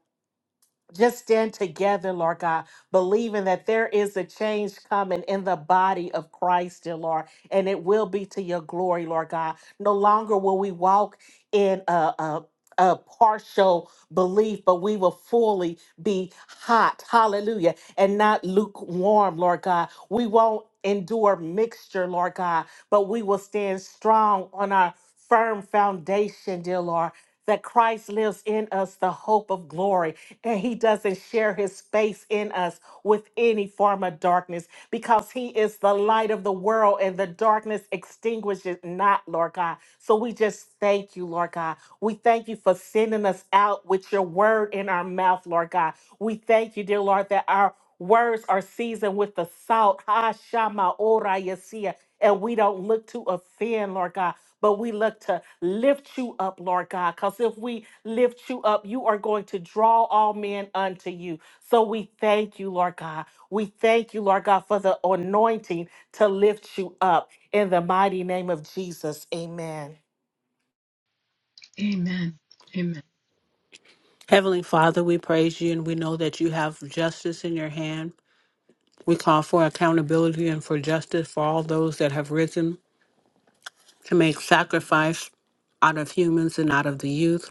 S6: just stand together, Lord God, believing that there is a change coming in the body of Christ, dear Lord, and it will be to your glory, Lord God. No longer will we walk in a, a a partial belief, but we will fully be hot, hallelujah, and not lukewarm, Lord God. We won't endure mixture, Lord God, but we will stand strong on our firm foundation, dear Lord, that Christ lives in us, the hope of glory and he doesn't share his space in us with any form of darkness because he is the light of the world and the darkness extinguishes not, Lord God. So we just thank you, Lord God. We thank you for sending us out with your word in our mouth, Lord God. We thank you, dear Lord, that our words are seasoned with the salt. Ha Shama Ora Yesia. And we don't look to offend, Lord God. But we look to lift you up, Lord God, because if we lift you up, you are going to draw all men unto you. So we thank you, Lord God. We thank you, Lord God, for the anointing to lift you up. In the mighty name of Jesus, amen.
S1: Amen. Amen.
S5: Heavenly Father, we praise you and we know that you have justice in your hand. We call for accountability and for justice for all those that have risen to make sacrifice out of humans and out of the youth.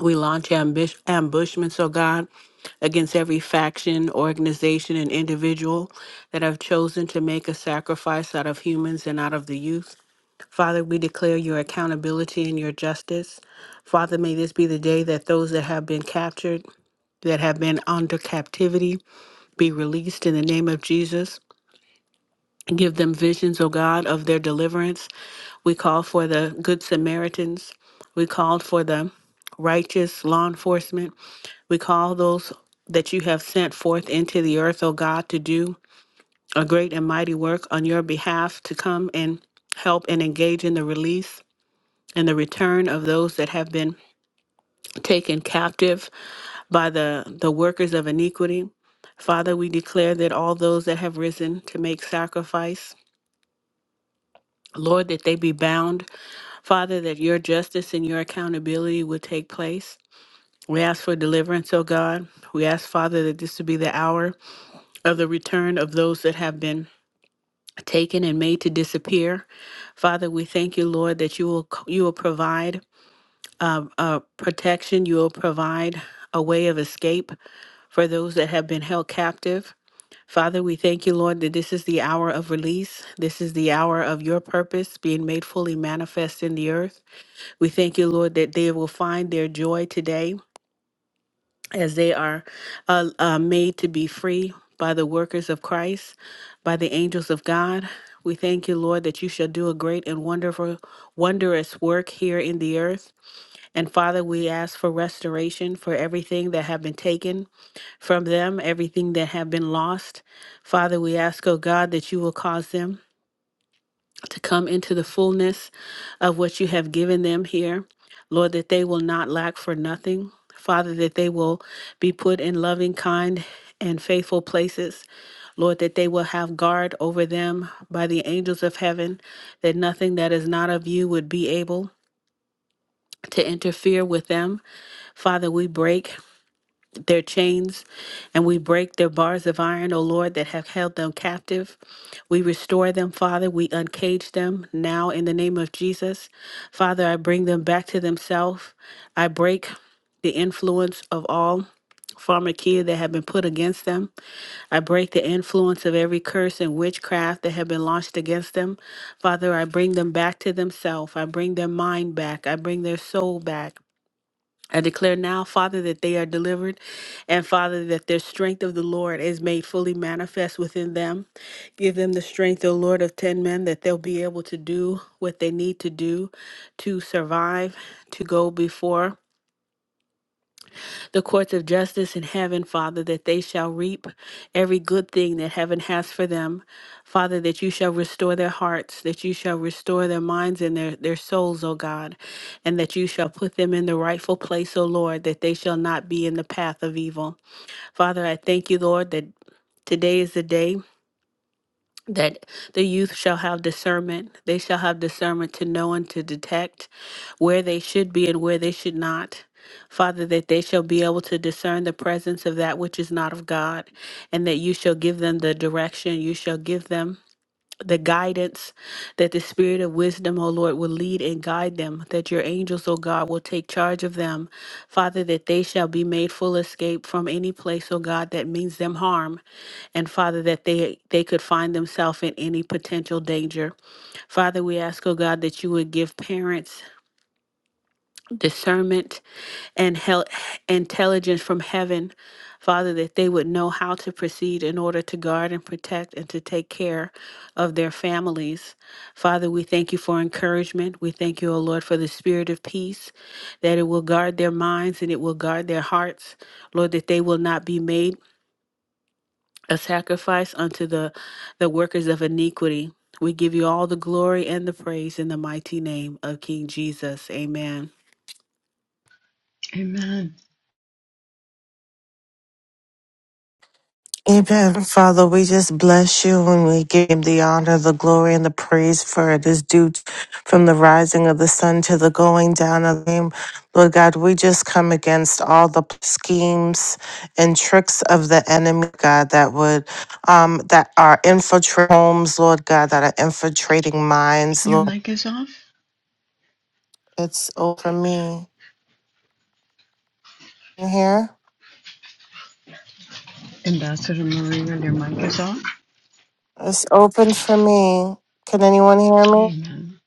S5: We launch ambush- ambushments, oh God, against every faction, organization, and individual that have chosen to make a sacrifice out of humans and out of the youth. Father, we declare your accountability and your justice. Father, may this be the day that those that have been captured, that have been under captivity, be released in the name of Jesus. Give them visions, O God, of their deliverance. We call for the Good Samaritans. We called for the righteous law enforcement. We call those that you have sent forth into the earth, O God, to do a great and mighty work on your behalf, to come and help and engage in the release and the return of those that have been taken captive by the, the workers of iniquity. Father, we declare that all those that have risen to make sacrifice, Lord, that they be bound. Father, that your justice and your accountability will take place. We ask for deliverance, O God. We ask, Father, that this would be the hour of the return of those that have been taken and made to disappear. Father, we thank you, Lord, that you will you will provide uh, uh, protection. You will provide a way of escape for those that have been held captive. Father, we thank you, Lord, that this is the hour of release. This is the hour of your purpose being made fully manifest in the earth. We thank you, Lord, that they will find their joy today as they are uh, uh, made to be free by the workers of Christ, by the angels of God. We thank you, Lord, that you shall do a great and wonderful, wondrous work here in the earth. And Father, we ask for restoration for everything that have been taken from them, everything that have been lost. Father, we ask, oh God, that you will cause them to come into the fullness of what you have given them here. Lord, that they will not lack for nothing. Father, that they will be put in loving, kind, and faithful places. Lord, that they will have guard over them by the angels of heaven, that nothing that is not of you would be able to interfere with them. Father, we break their chains, and we break their bars of iron, O Lord, that have held them captive. We restore them, Father. We uncage them now in the name of Jesus. Father, I bring them back to themselves. I break the influence of all pharmakia that have been put against them. I break the influence of every curse and witchcraft that have been launched against them. Father, I bring them back to themselves. I bring their mind back. I bring their soul back. I declare now, Father, that they are delivered, and Father, that their strength of the Lord is made fully manifest within them. Give them the strength, O Lord, of 10 men, that they'll be able to do what they need to do to survive, to go before the courts of justice in heaven, Father, that they shall reap every good thing that heaven has for them. Father, that you shall restore their hearts, that you shall restore their minds and their, their souls, O God, and that you shall put them in the rightful place, O Lord, that they shall not be in the path of evil. Father, I thank you, Lord, that today is the day that the youth shall have discernment. They shall have discernment to know and to detect where they should be and where they should not. Father, that they shall be able to discern the presence of that which is not of God, and that you shall give them the direction, you shall give them the guidance, that the spirit of wisdom, O Lord, will lead and guide them, that your angels, O God, will take charge of them. Father, that they shall be made full escape from any place, O God, that means them harm and Father, that they they could find themselves in any potential danger. Father, we ask, oh God, that you would give parents discernment and hel- intelligence from heaven, Father, that they would know how to proceed in order to guard and protect and to take care of their families. Father, we thank you for encouragement. We thank you, O Lord, for the spirit of peace, that it will guard their minds and it will guard their hearts. Lord, that they will not be made a sacrifice unto the, the workers of iniquity. We give you all the glory and the praise in the mighty name of King Jesus. Amen.
S1: Amen.
S3: Amen. Father, we just bless you and we give you the honor, the glory, and the praise for it is due from the rising of the sun to the going down of the name. Lord God, we just come against all the schemes and tricks of the enemy, God, that would um that are infiltrating homes, Lord God, that are infiltrating minds,
S1: Your
S3: Lord.
S1: mic is off.
S3: It's over me. You hear?
S1: Ambassador Marina, your mic is off.
S3: It's open for me. Can anyone hear me?
S1: Amen.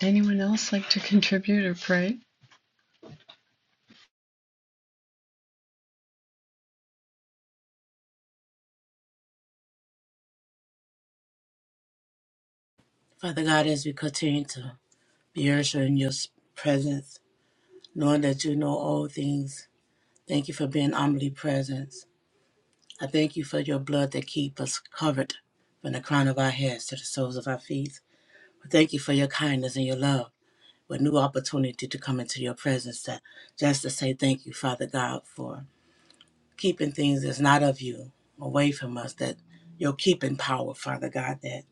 S1: Anyone else like to contribute or pray?
S2: Father God, as we continue to be ushered in your presence, knowing that you know all things, thank you for being omnipresent. I thank you for your blood that keep us covered from the crown of our heads to the soles of our feet. I thank you for your kindness and your love, with new opportunity to come into your presence. That just to say thank you, Father God, for keeping things that's not of you away from us, that your keeping power, Father God, that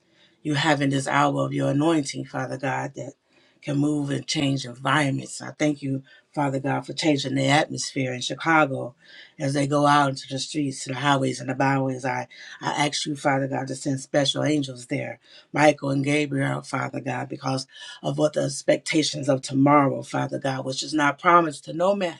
S2: you have in this hour of your anointing, Father God, that can move and change environments. I thank you, Father God, for changing the atmosphere in Chicago as they go out into the streets and the highways and the byways. I, I ask you, Father God, to send special angels there, Michael and Gabriel, Father God, because of what the expectations of tomorrow, Father God, which is not promised to no man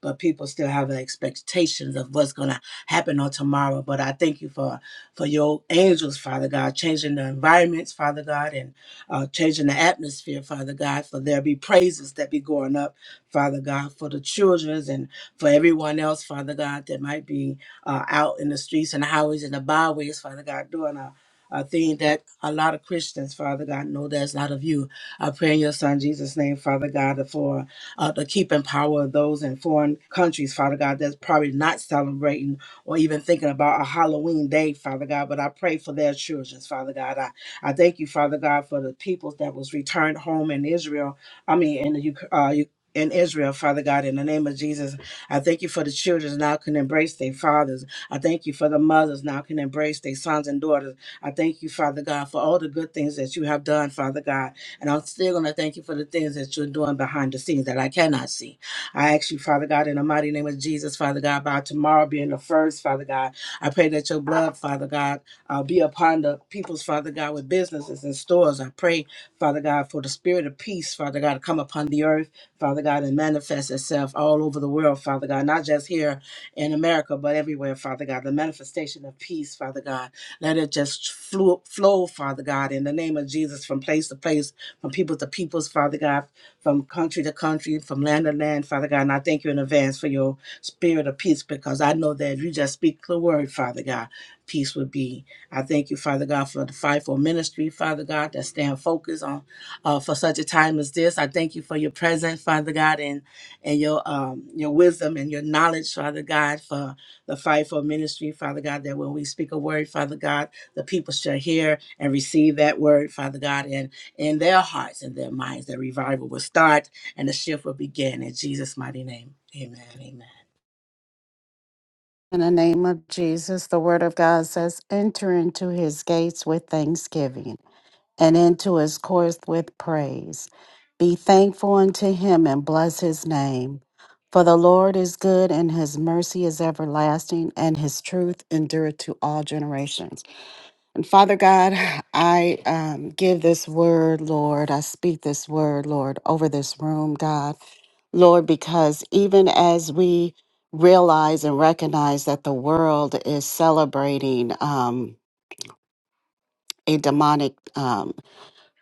S2: but people still have expectations of what's going to happen on tomorrow. But I thank you for for your angels, Father God, changing the environments, Father God, and uh, changing the atmosphere, Father God. For there be praises that be going up, Father God, for the childrens and for everyone else, Father God, that might be uh, out in the streets and the highways and the byways, Father God, doing a a thing that a lot of Christians, Father God, know that's not of you. I pray in your son Jesus' name, Father God, for uh, to keep and power those in foreign countries, Father God, that's probably not celebrating or even thinking about a Halloween day, Father God. But I pray for their children, Father God. I, I thank you, Father God, for the peoples that was returned home in Israel. I mean, in the Uk- uh, Uk- in Israel, Father God, in the name of Jesus, I thank you for the children now can embrace their fathers. I thank you for the mothers now can embrace their sons and daughters. I thank you, Father God, for all the good things that you have done, Father God. And I'm still going to thank you for the things that you're doing behind the scenes that I cannot see. I ask you, Father God, in the mighty name of Jesus, Father God, by tomorrow being the first, Father God, I pray that your blood, Father God, uh, be upon the people's, Father God, with businesses and stores. I pray, Father God, for the spirit of peace, Father God, to come upon the earth, Father God, and manifest itself all over the world, Father God, not just here in America, but everywhere, Father God. The manifestation of peace, Father God. Let it just flow, flow Father God, in the name of Jesus, from place to place from people to peoples, Father God, from country to country, from land to land, Father God. And I thank you in advance for your spirit of peace because I know that if you just speak the word, Father God, peace would be. I thank you, Father God, for the fivefold ministry, Father God, that stand focused on uh, for such a time as this. I thank you for your presence, Father God, and and your um your wisdom and your knowledge, Father God, for the fivefold ministry, Father God, that when we speak a word, Father God, the people shall hear and receive that word, Father God. And in their hearts and their minds that revival will start and the shift will begin in Jesus' mighty name. Amen. Amen.
S4: In the name of Jesus, the word of God says, enter into his gates with thanksgiving and into his course with praise. Be thankful unto him and bless his name. For the Lord is good, and his mercy is everlasting, and his truth endureth to all generations. And Father God, I um, give this word, Lord. I speak this word, Lord, over this room, God. Lord, because even as we realize and recognize that the world is celebrating um, a demonic. um,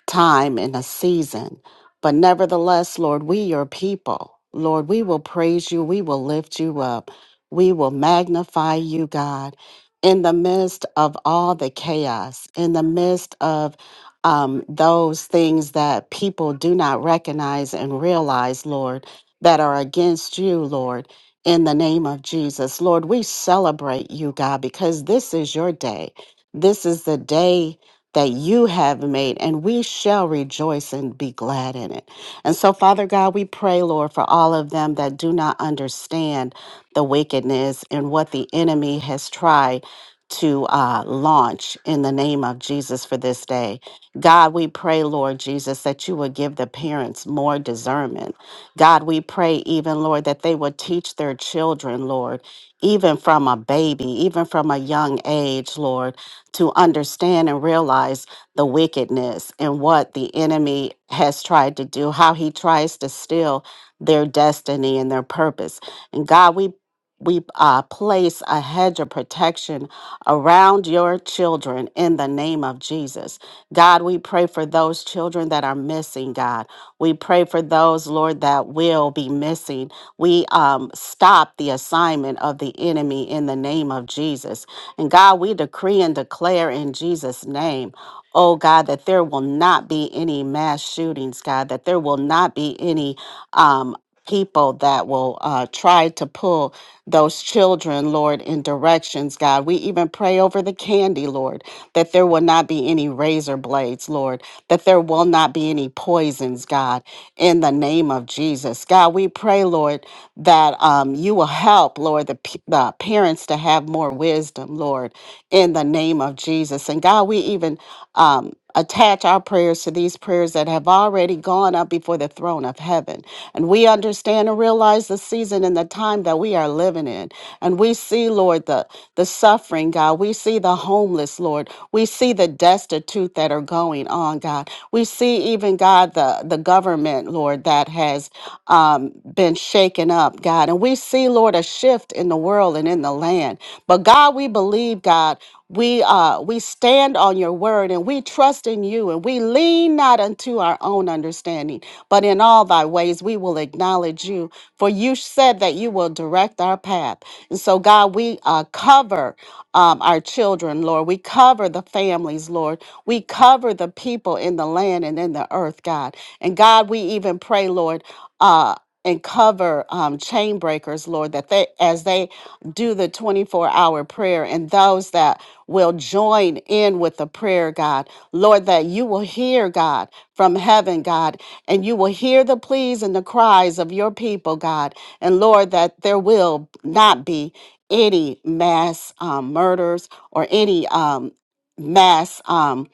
S4: time and a season. But nevertheless, Lord, we your people, Lord, we will praise you, we will lift you up, we will magnify you, God, in the midst of all the chaos, in the midst of um, those things that people do not recognize and realize, Lord, that are against you, Lord. In the name of Jesus, Lord, we celebrate you, God, because this is your day. This is the day that you have made, and we shall rejoice and be glad in it. And so, Father God, we pray, Lord, for all of them that do not understand the wickedness and what the enemy has tried to uh, launch in the name of Jesus for this day. God, we pray, Lord Jesus, that you would give the parents more discernment. God, we pray, even, Lord, that they would teach their children, Lord, even from a baby, even from a young age, Lord to understand and realize the wickedness and what the enemy has tried to do, how he tries to steal their destiny and their purpose. And God, we we uh, place a hedge of protection around your children in the name of Jesus. God, we pray for those children that are missing, God. We pray for those, Lord, that will be missing. We um, stop the assignment of the enemy in the name of Jesus. And God, we decree and declare in Jesus' name, oh God, that there will not be any mass shootings, God, that there will not be any um, people that will uh, try to pull those children, Lord, in directions, God. We even pray over the candy, Lord that there will not be any razor blades, Lord, that there will not be any poisons, God, in the name of Jesus. God, we pray, Lord, that um, you will help, Lord, the, p- the parents to have more wisdom, Lord, in the name of Jesus. And God, we even. Um, attach our prayers to these prayers that have already gone up before the throne of heaven. And we understand and realize the season and the time that we are living in. And we see, Lord, the, the suffering, God. We see the homeless, Lord. We see the destitute that are going on, God. We see even, God, the, the government, Lord, that has um, been shaken up, God. And we see, Lord, a shift in the world and in the land. But God, we believe, God, we uh we stand on your word and we trust in you and we lean not unto our own understanding, but in all thy ways we will acknowledge you. For you said that you will direct our path. And so, God, we uh, cover um, our children, Lord. We cover the families, Lord. We cover the people in the land and in the earth, God. And God, we even pray, Lord uh, and cover um, chain breakers, Lord, that they, as they do the 24 hour prayer and those that will join in with the prayer, God, Lord, that you will hear, God, from heaven, God, and you will hear the pleas and the cries of your people, God, and Lord, that there will not be any mass um, murders or any um, mass. Um,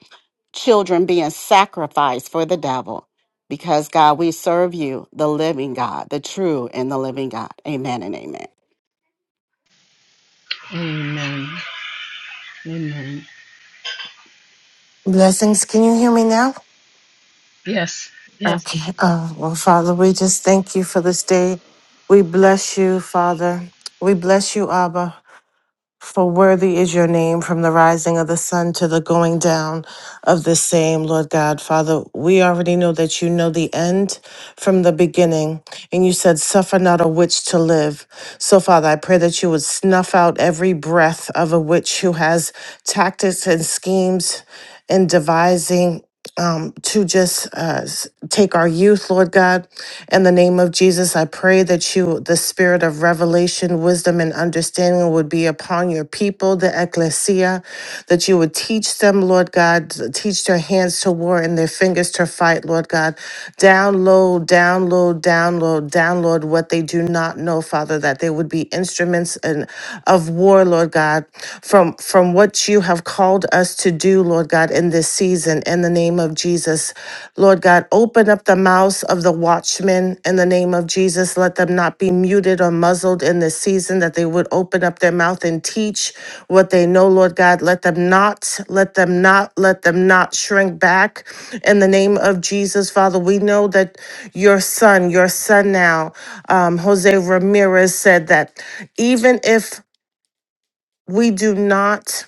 S4: children being sacrificed for the devil because God, we serve you, the living God, the true and the living God. Amen and amen.
S1: Amen. Amen.
S3: Blessings. Can you hear me now?
S1: Yes. Yes.
S3: Okay. Oh, well, Father, we just thank you for this day. We bless you, Father. We bless you, Abba. For worthy is your name from the rising of the sun to the going down of the same, Lord God. Father, we already know that you know the end from the beginning, and you said, Suffer not a witch to live. So, Father, I pray that you would snuff out every breath of a witch who has tactics and schemes. and devising um, to just uh, s- take our youth, Lord God. In the name of Jesus, I pray that you, the spirit of revelation, wisdom, and understanding would be upon your people, the ecclesia, that you would teach them, Lord God, to teach their hands to war and their fingers to fight, Lord God. Download, download, download, download what they do not know, Father, that they would be instruments in, of war, Lord God, from, from what you have called us to do, Lord God, in this season, in the name of Jesus. Lord God, open up the mouths of the watchmen in the name of Jesus. Let them not be muted or muzzled in this season, that they would open up their mouth and teach what they know, Lord God. Let them not, let them not, let them not shrink back in the name of Jesus, Father. We know that your son, your son now, um, Jose Ramirez said that even if we do not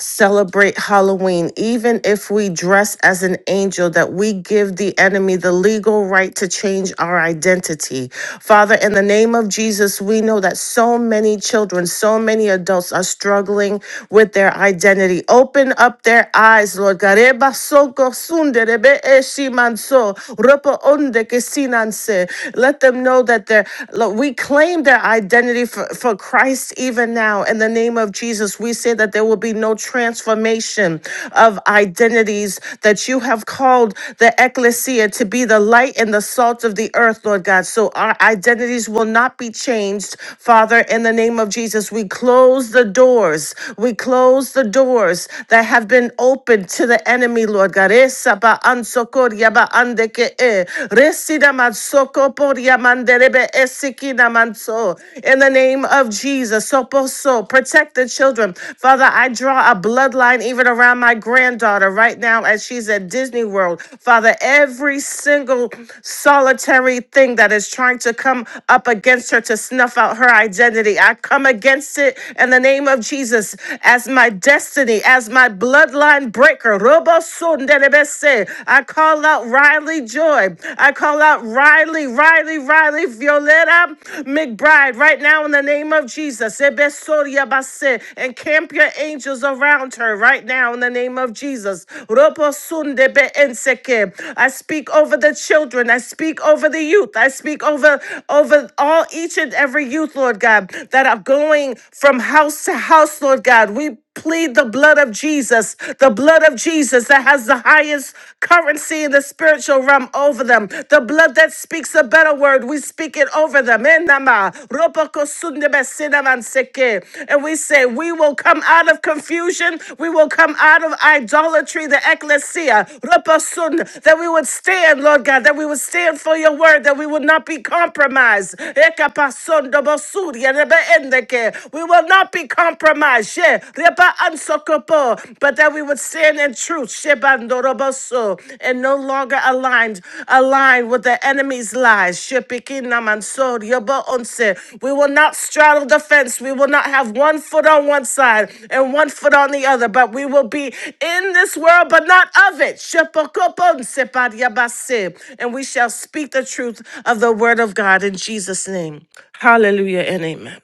S3: celebrate Halloween, even if we dress as an angel, that we give the enemy the legal right to change our identity. Father, in the name of Jesus, we know that so many children, so many adults are struggling with their identity. Open up their eyes, Lord God. Eba soko sunde rebe eshi manso, ropo onde ke sinanse. Let them know that they're, look, we claim their identity for, for Christ yes, even now, in the name of Jesus, we say that there will be no transformation of identities, that you have called the ecclesia to be the light and the salt of the earth, Lord God. So our identities will not be changed, Father, in the name of Jesus. We close the doors. We close the doors that have been opened to the enemy, Lord God. Esa ba ansokor ya ba andeke e. Resida matsoko por ya mandelebe Esikinamantso. In the name of Jesus, Soposo, protect the children. Father, I draw a bloodline even around my granddaughter right now as she's at Disney World. Father, every single solitary thing that is trying to come up against her to snuff out her identity, I come against it in the name of Jesus as my destiny, as my bloodline breaker. Robo Robosundelebese. I call out Riley Joy joy. I call out Riley, Riley, Riley, Violetta McBride right now in the name of Jesus. Ebesoria base. And camp your angels around her right now in the name of Jesus. Roposunde be enseke. I speak over the children. I speak over the youth. I speak over over all each and every youth, Lord God, that are going from house to house, Lord God. We plead the blood of Jesus, the blood of Jesus that has the highest currency in the spiritual realm over them, the blood that speaks a better word. We speak it over them. Enama, ropoko sundebe sinaman seke. And we say, We will come out of confusion, we will come out of idolatry, the ecclesia, roposun, that we would stand, Lord God, that we would stand for your word, that we would not be compromised. Ekapasondo bosuri, erebe endeke. We will not be be compromised. Yeah. Reba ansokopo, But that we would stand in truth. Shebandoroboso, And no longer aligned, aligned with the enemy's lies. Shepikinamanso, Yobo onse. We will not straddle the fence. We will not have one foot on one side and one foot on the other, but we will be in this world, but not of it. Shepokoponse, Padyabase. And we shall speak the truth of the word of God in Jesus' name. Hallelujah and amen.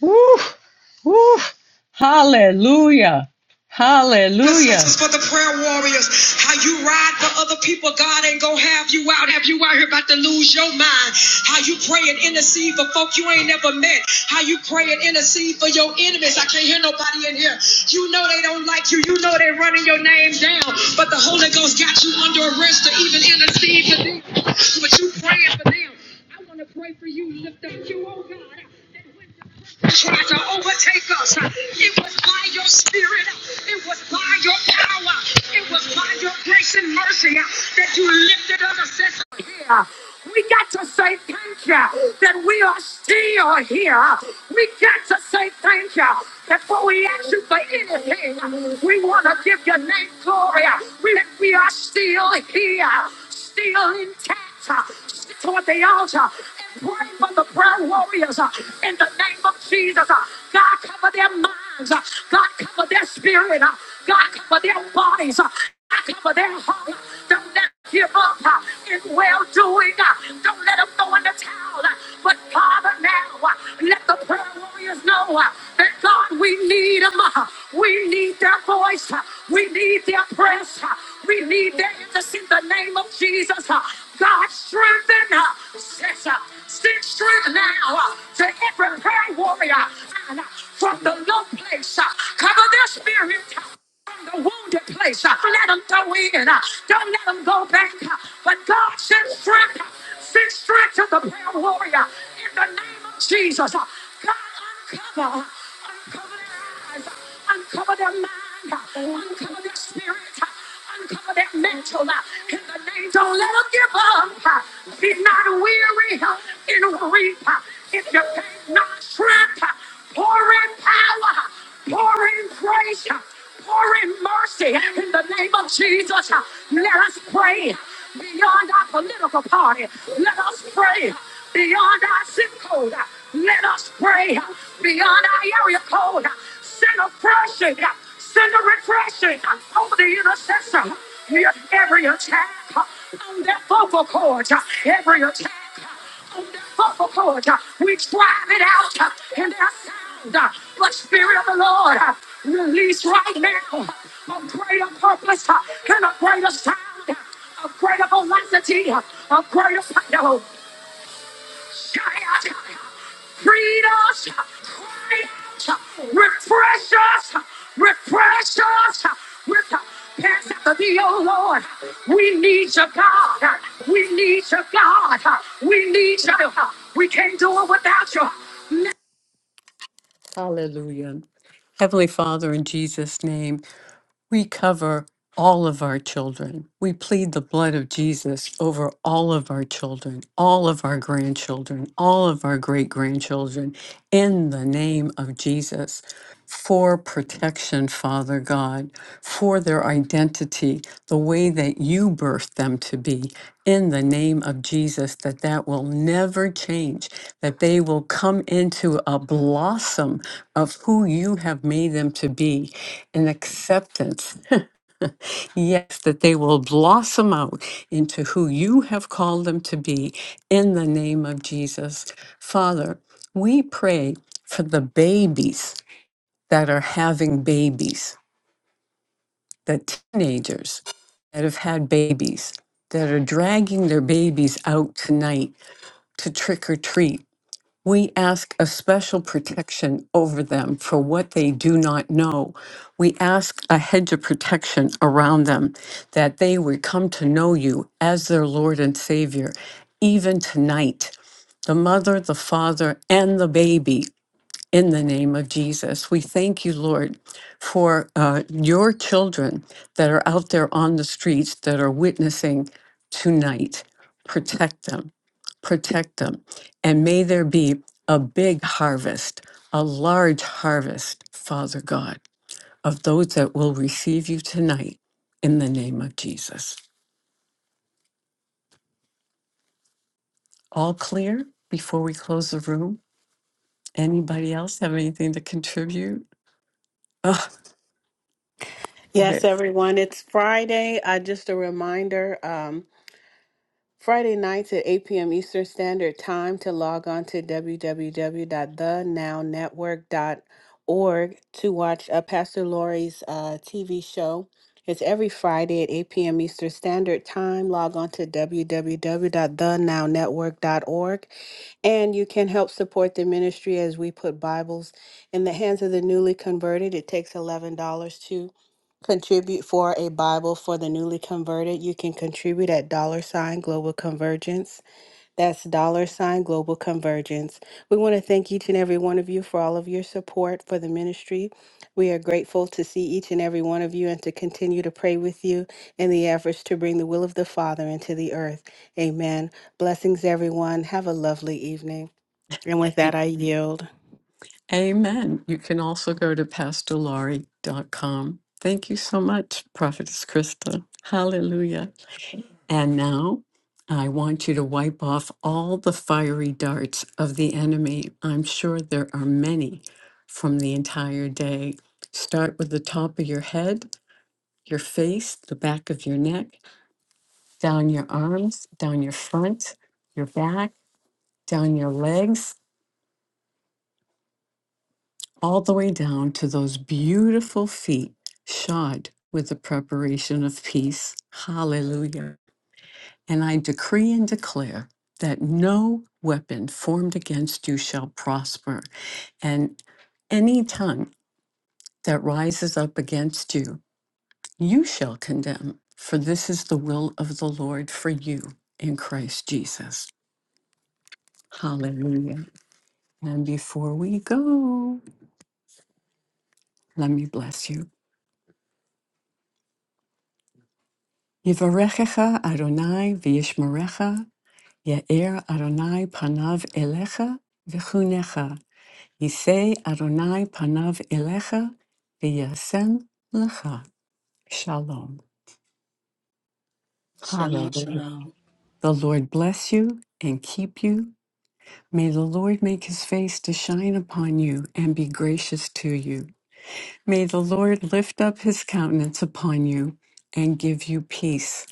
S1: Woo! Woo! Hallelujah. This Hallelujah. is for the prayer warriors. How you ride for other people, God ain't gonna have you out. Have you out here about to lose your mind? How you pray and intercede for folk you ain't never met? How you pray and intercede for your enemies? I can't hear nobody in here. You know they don't like you. You know they running your name down. But the Holy Ghost got you under arrest to even intercede for them. But you praying for them. I want to pray for you. Lift up you, oh God tried to overtake us. It was by your spirit. It was by your power. It was by your grace and mercy that you lifted us. Here we got to say thank you that we are still here. We got to say thank you. Before we ask you for anything, we want to give your name glory. We, we are still here, still intact. Stick toward the altar and pray for the prayer warriors uh, in the name of Jesus. Uh, God, cover their minds. Uh, God, cover their spirit. Uh, God, cover their bodies. Uh, God, cover their heart. Don't let them give up. Uh, in well doing. Don't let them throw in the towel. uh, But Father, now uh, let the prayer warriors know uh, that God, we need them. We need their voice. uh, We need their prayers. uh, We need their interest in the name of Jesus. uh, God, strengthen us intercessor. Speak strength now uh, to every prayer warrior and, uh, from the low place. uh, Cover their spirit uh, from the wounded place. uh, Don't let them go in. uh, Don't let them go back. uh, But God sends strength. uh, Send strength to the prayer warrior in the name of Jesus. uh, God, uncover, uncover their eyes, uh, uncover their mind, uh, uncover their spirit. uh, uncover that mantle uh, in the name. Don't let them give up. uh, Be not weary uh, in reap. uh, If you faint not strength, uh, pour in power, uh, pour in praise, uh, pour in mercy in the name of Jesus. uh, Let us pray pray beyond our political party. Let us pray beyond our zip code. Let us pray beyond our area code. Send oppression, send a refreshing over the intercessor. Hear every attack on that vocal cord, every attack on that vocal cord. We drive it out in their sound. But Spirit of the Lord, release right now a greater purpose uh, and a greater sound, uh, a greater velocity, uh, a greater power. Shout, uh, Freed us, uh, out, uh, refresh us, uh, refresh us uh, with the pants after thee, oh Lord. We need your God, uh, we need your God, uh, we need You. We can't do it without you. Hallelujah. Heavenly Father, in Jesus' name. We cover all of our children. We plead the blood of Jesus over all of our children, all of our grandchildren, all of our great grandchildren in the name of Jesus for protection, Father God, for for their identity, the way that you birthed them to be in the name of Jesus, that that will never change, that they will come into a blossom of who you have made them to be, an acceptance. yes, that they will blossom out into who you have called them to be in the name of Jesus. Father, we pray for the babies that are having babies. That teenagers that have had babies that are dragging their babies out tonight to trick or treat. We ask a special protection over them for what they do not know. We ask a hedge of protection around them that they would come to know you as their Lord and Savior, even tonight. The mother, the father, and the baby in the name of Jesus. We thank you, Lord, for uh, your children that are out there on the streets that are witnessing tonight. Protect them, protect them, and may there be a big harvest, a large harvest, Father God, of those that will receive you tonight in the name of Jesus. All clear before we close the room? Anybody else have anything to contribute? Oh, okay.
S5: Yes, everyone. It's Friday. Uh, just a reminder. Um. Friday nights at 8 p.m. Eastern Standard Time to log on to www.thenownetwork.org to watch uh, Pastor Lori's uh, TV show. It's every Friday at 8 p.m. Eastern Standard Time. Log on to www.thenownetwork.org and you can help support the ministry as we put Bibles in the hands of the newly converted. It takes $11 to contribute for a Bible for the newly converted, you can contribute at dollar sign global convergence. That's dollar sign global convergence. We want to thank each and every one of you for all of your support for the ministry. We are grateful to see each and every one of you and to continue to pray with you in the efforts to bring the will of the Father into the earth. Amen. Blessings, everyone. Have a lovely evening. And with that, I yield.
S1: Amen. You can also go to pastorlaurie.com. Thank you so much, Prophetess Krista. Hallelujah. And now I want you to wipe off all the fiery darts of the enemy. I'm sure there are many from the entire day. Start with the top of your head, your face, the back of your neck, down your arms, down your front, your back, down your legs. all the way down to those beautiful feet shod with the preparation of peace. Hallelujah. And I decree and declare that no weapon formed against you shall prosper, and any tongue that rises up against you, you shall condemn. For this is the will of the Lord for you in Christ Jesus. Hallelujah. And before we go, let me bless you. Yivarechecha Adonai v'yishmerecha. Ye'er Adonai panav elecha v'chunecha. Yisei Adonai panav elecha v'yasem lecha. Shalom.
S2: Shalom,
S1: Hallelujah.
S2: shalom,
S1: The Lord bless you and keep you. May the Lord make his face to shine upon you and be gracious to you. May the Lord lift up his countenance upon you and give you peace.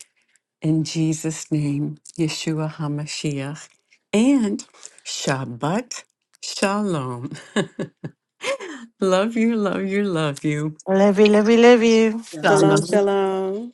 S1: In Jesus' name, Yeshua HaMashiach. and Shabbat Shalom. love you, love you, love you.
S3: Love you, love you, love you.
S2: shalom.
S5: Shalom,
S1: Shalom.
S5: shalom.